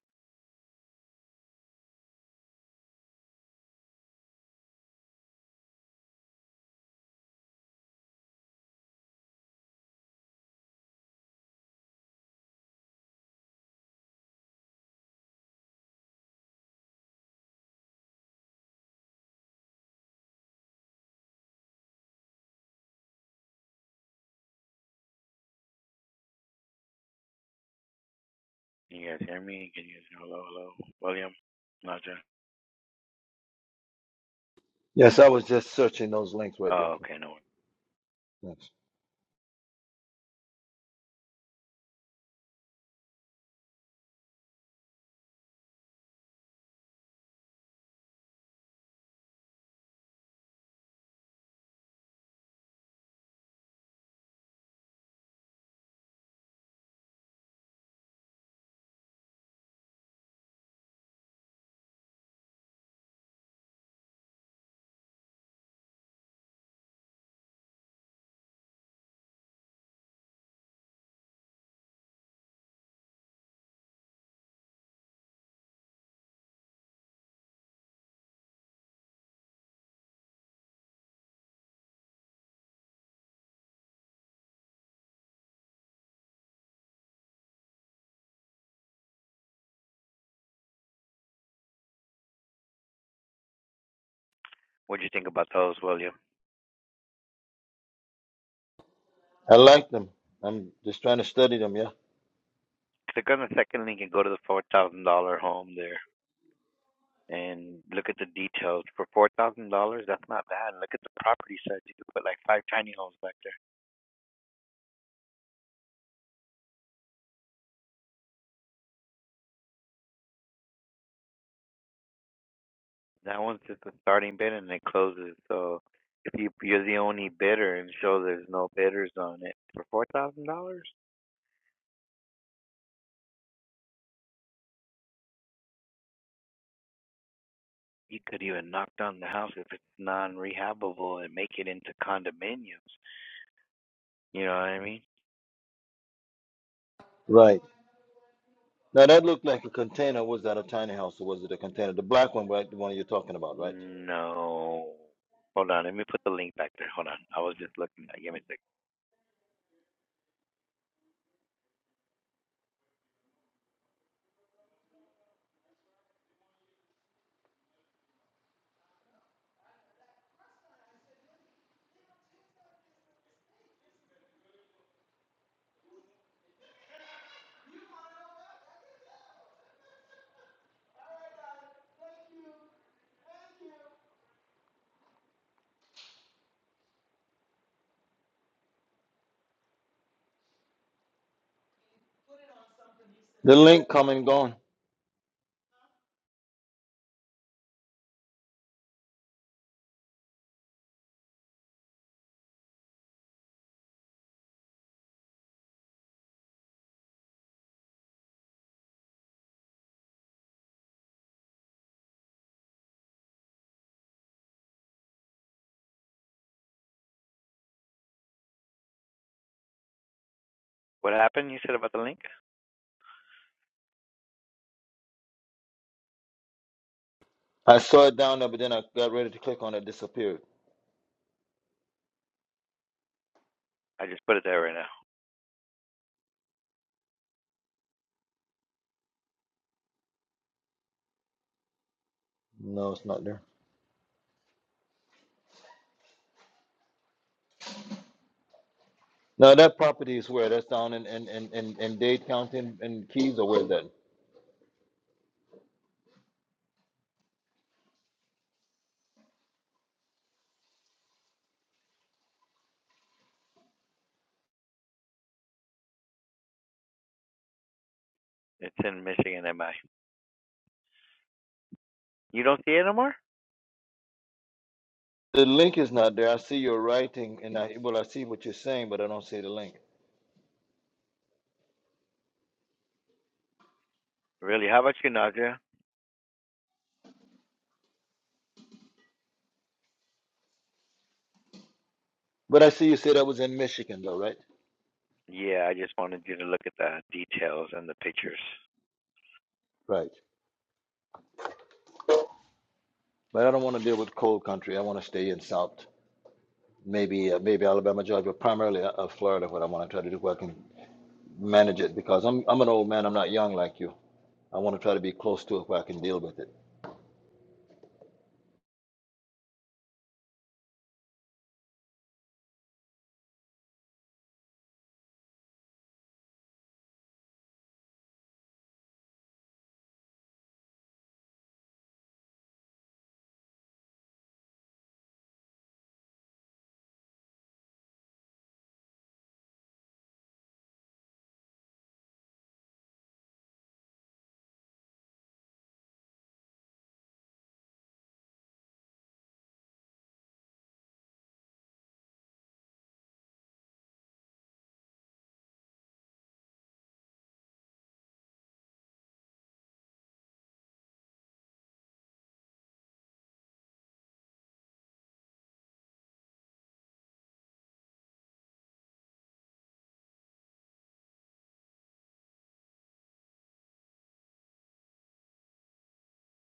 Can you guys hear me? Can you guys hello, hello, William? Naja.
Yes, I was just searching those links right there.
Oh, okay, no. worries.
Yes.
What do you think about those, William?
I like them. I'm just trying to study them, yeah.
Click on the second link and go to the four thousand dollar home there. and look at the details. For four thousand dollars, that's not bad. Look at the property side You could put like five tiny homes back there. That one's just a starting bid and it closes. So if you, you're the only bidder and show there's no bidders on it for four thousand dollars, you could even knock down the house if it's non-rehabable and make it into condominiums. You know what I mean?
Right. Now that looked like a container. Was that a tiny house or was it a container? The black one, right? The one you're talking about, right?
No. Hold on, let me put the link back there. Hold on, I was just looking. Give me a sec.
The link come and gone.
What happened? You said about the link?
I saw it down there, but then I got ready to click on it, disappeared.
I just put it there right now.
No, it's not there. Now that property is where? That's down in in in in, in Dade County and and Keys, or where's that?
It's in Michigan, MI. You don't see it anymore?
The link is not there. I see your writing, and I well, I see what you're saying, but I don't see the link.
Really? How about you, Nadia?
But I see you said that was in Michigan, though, right?
Yeah, I just wanted you to look at the details and the pictures.
Right. But I don't want to deal with cold country. I want to stay in South, maybe uh, maybe Alabama, Georgia, but primarily uh, uh, Florida. What I want to try to do, working. manage it because I'm I'm an old man. I'm not young like you. I want to try to be close to it where I can deal with it.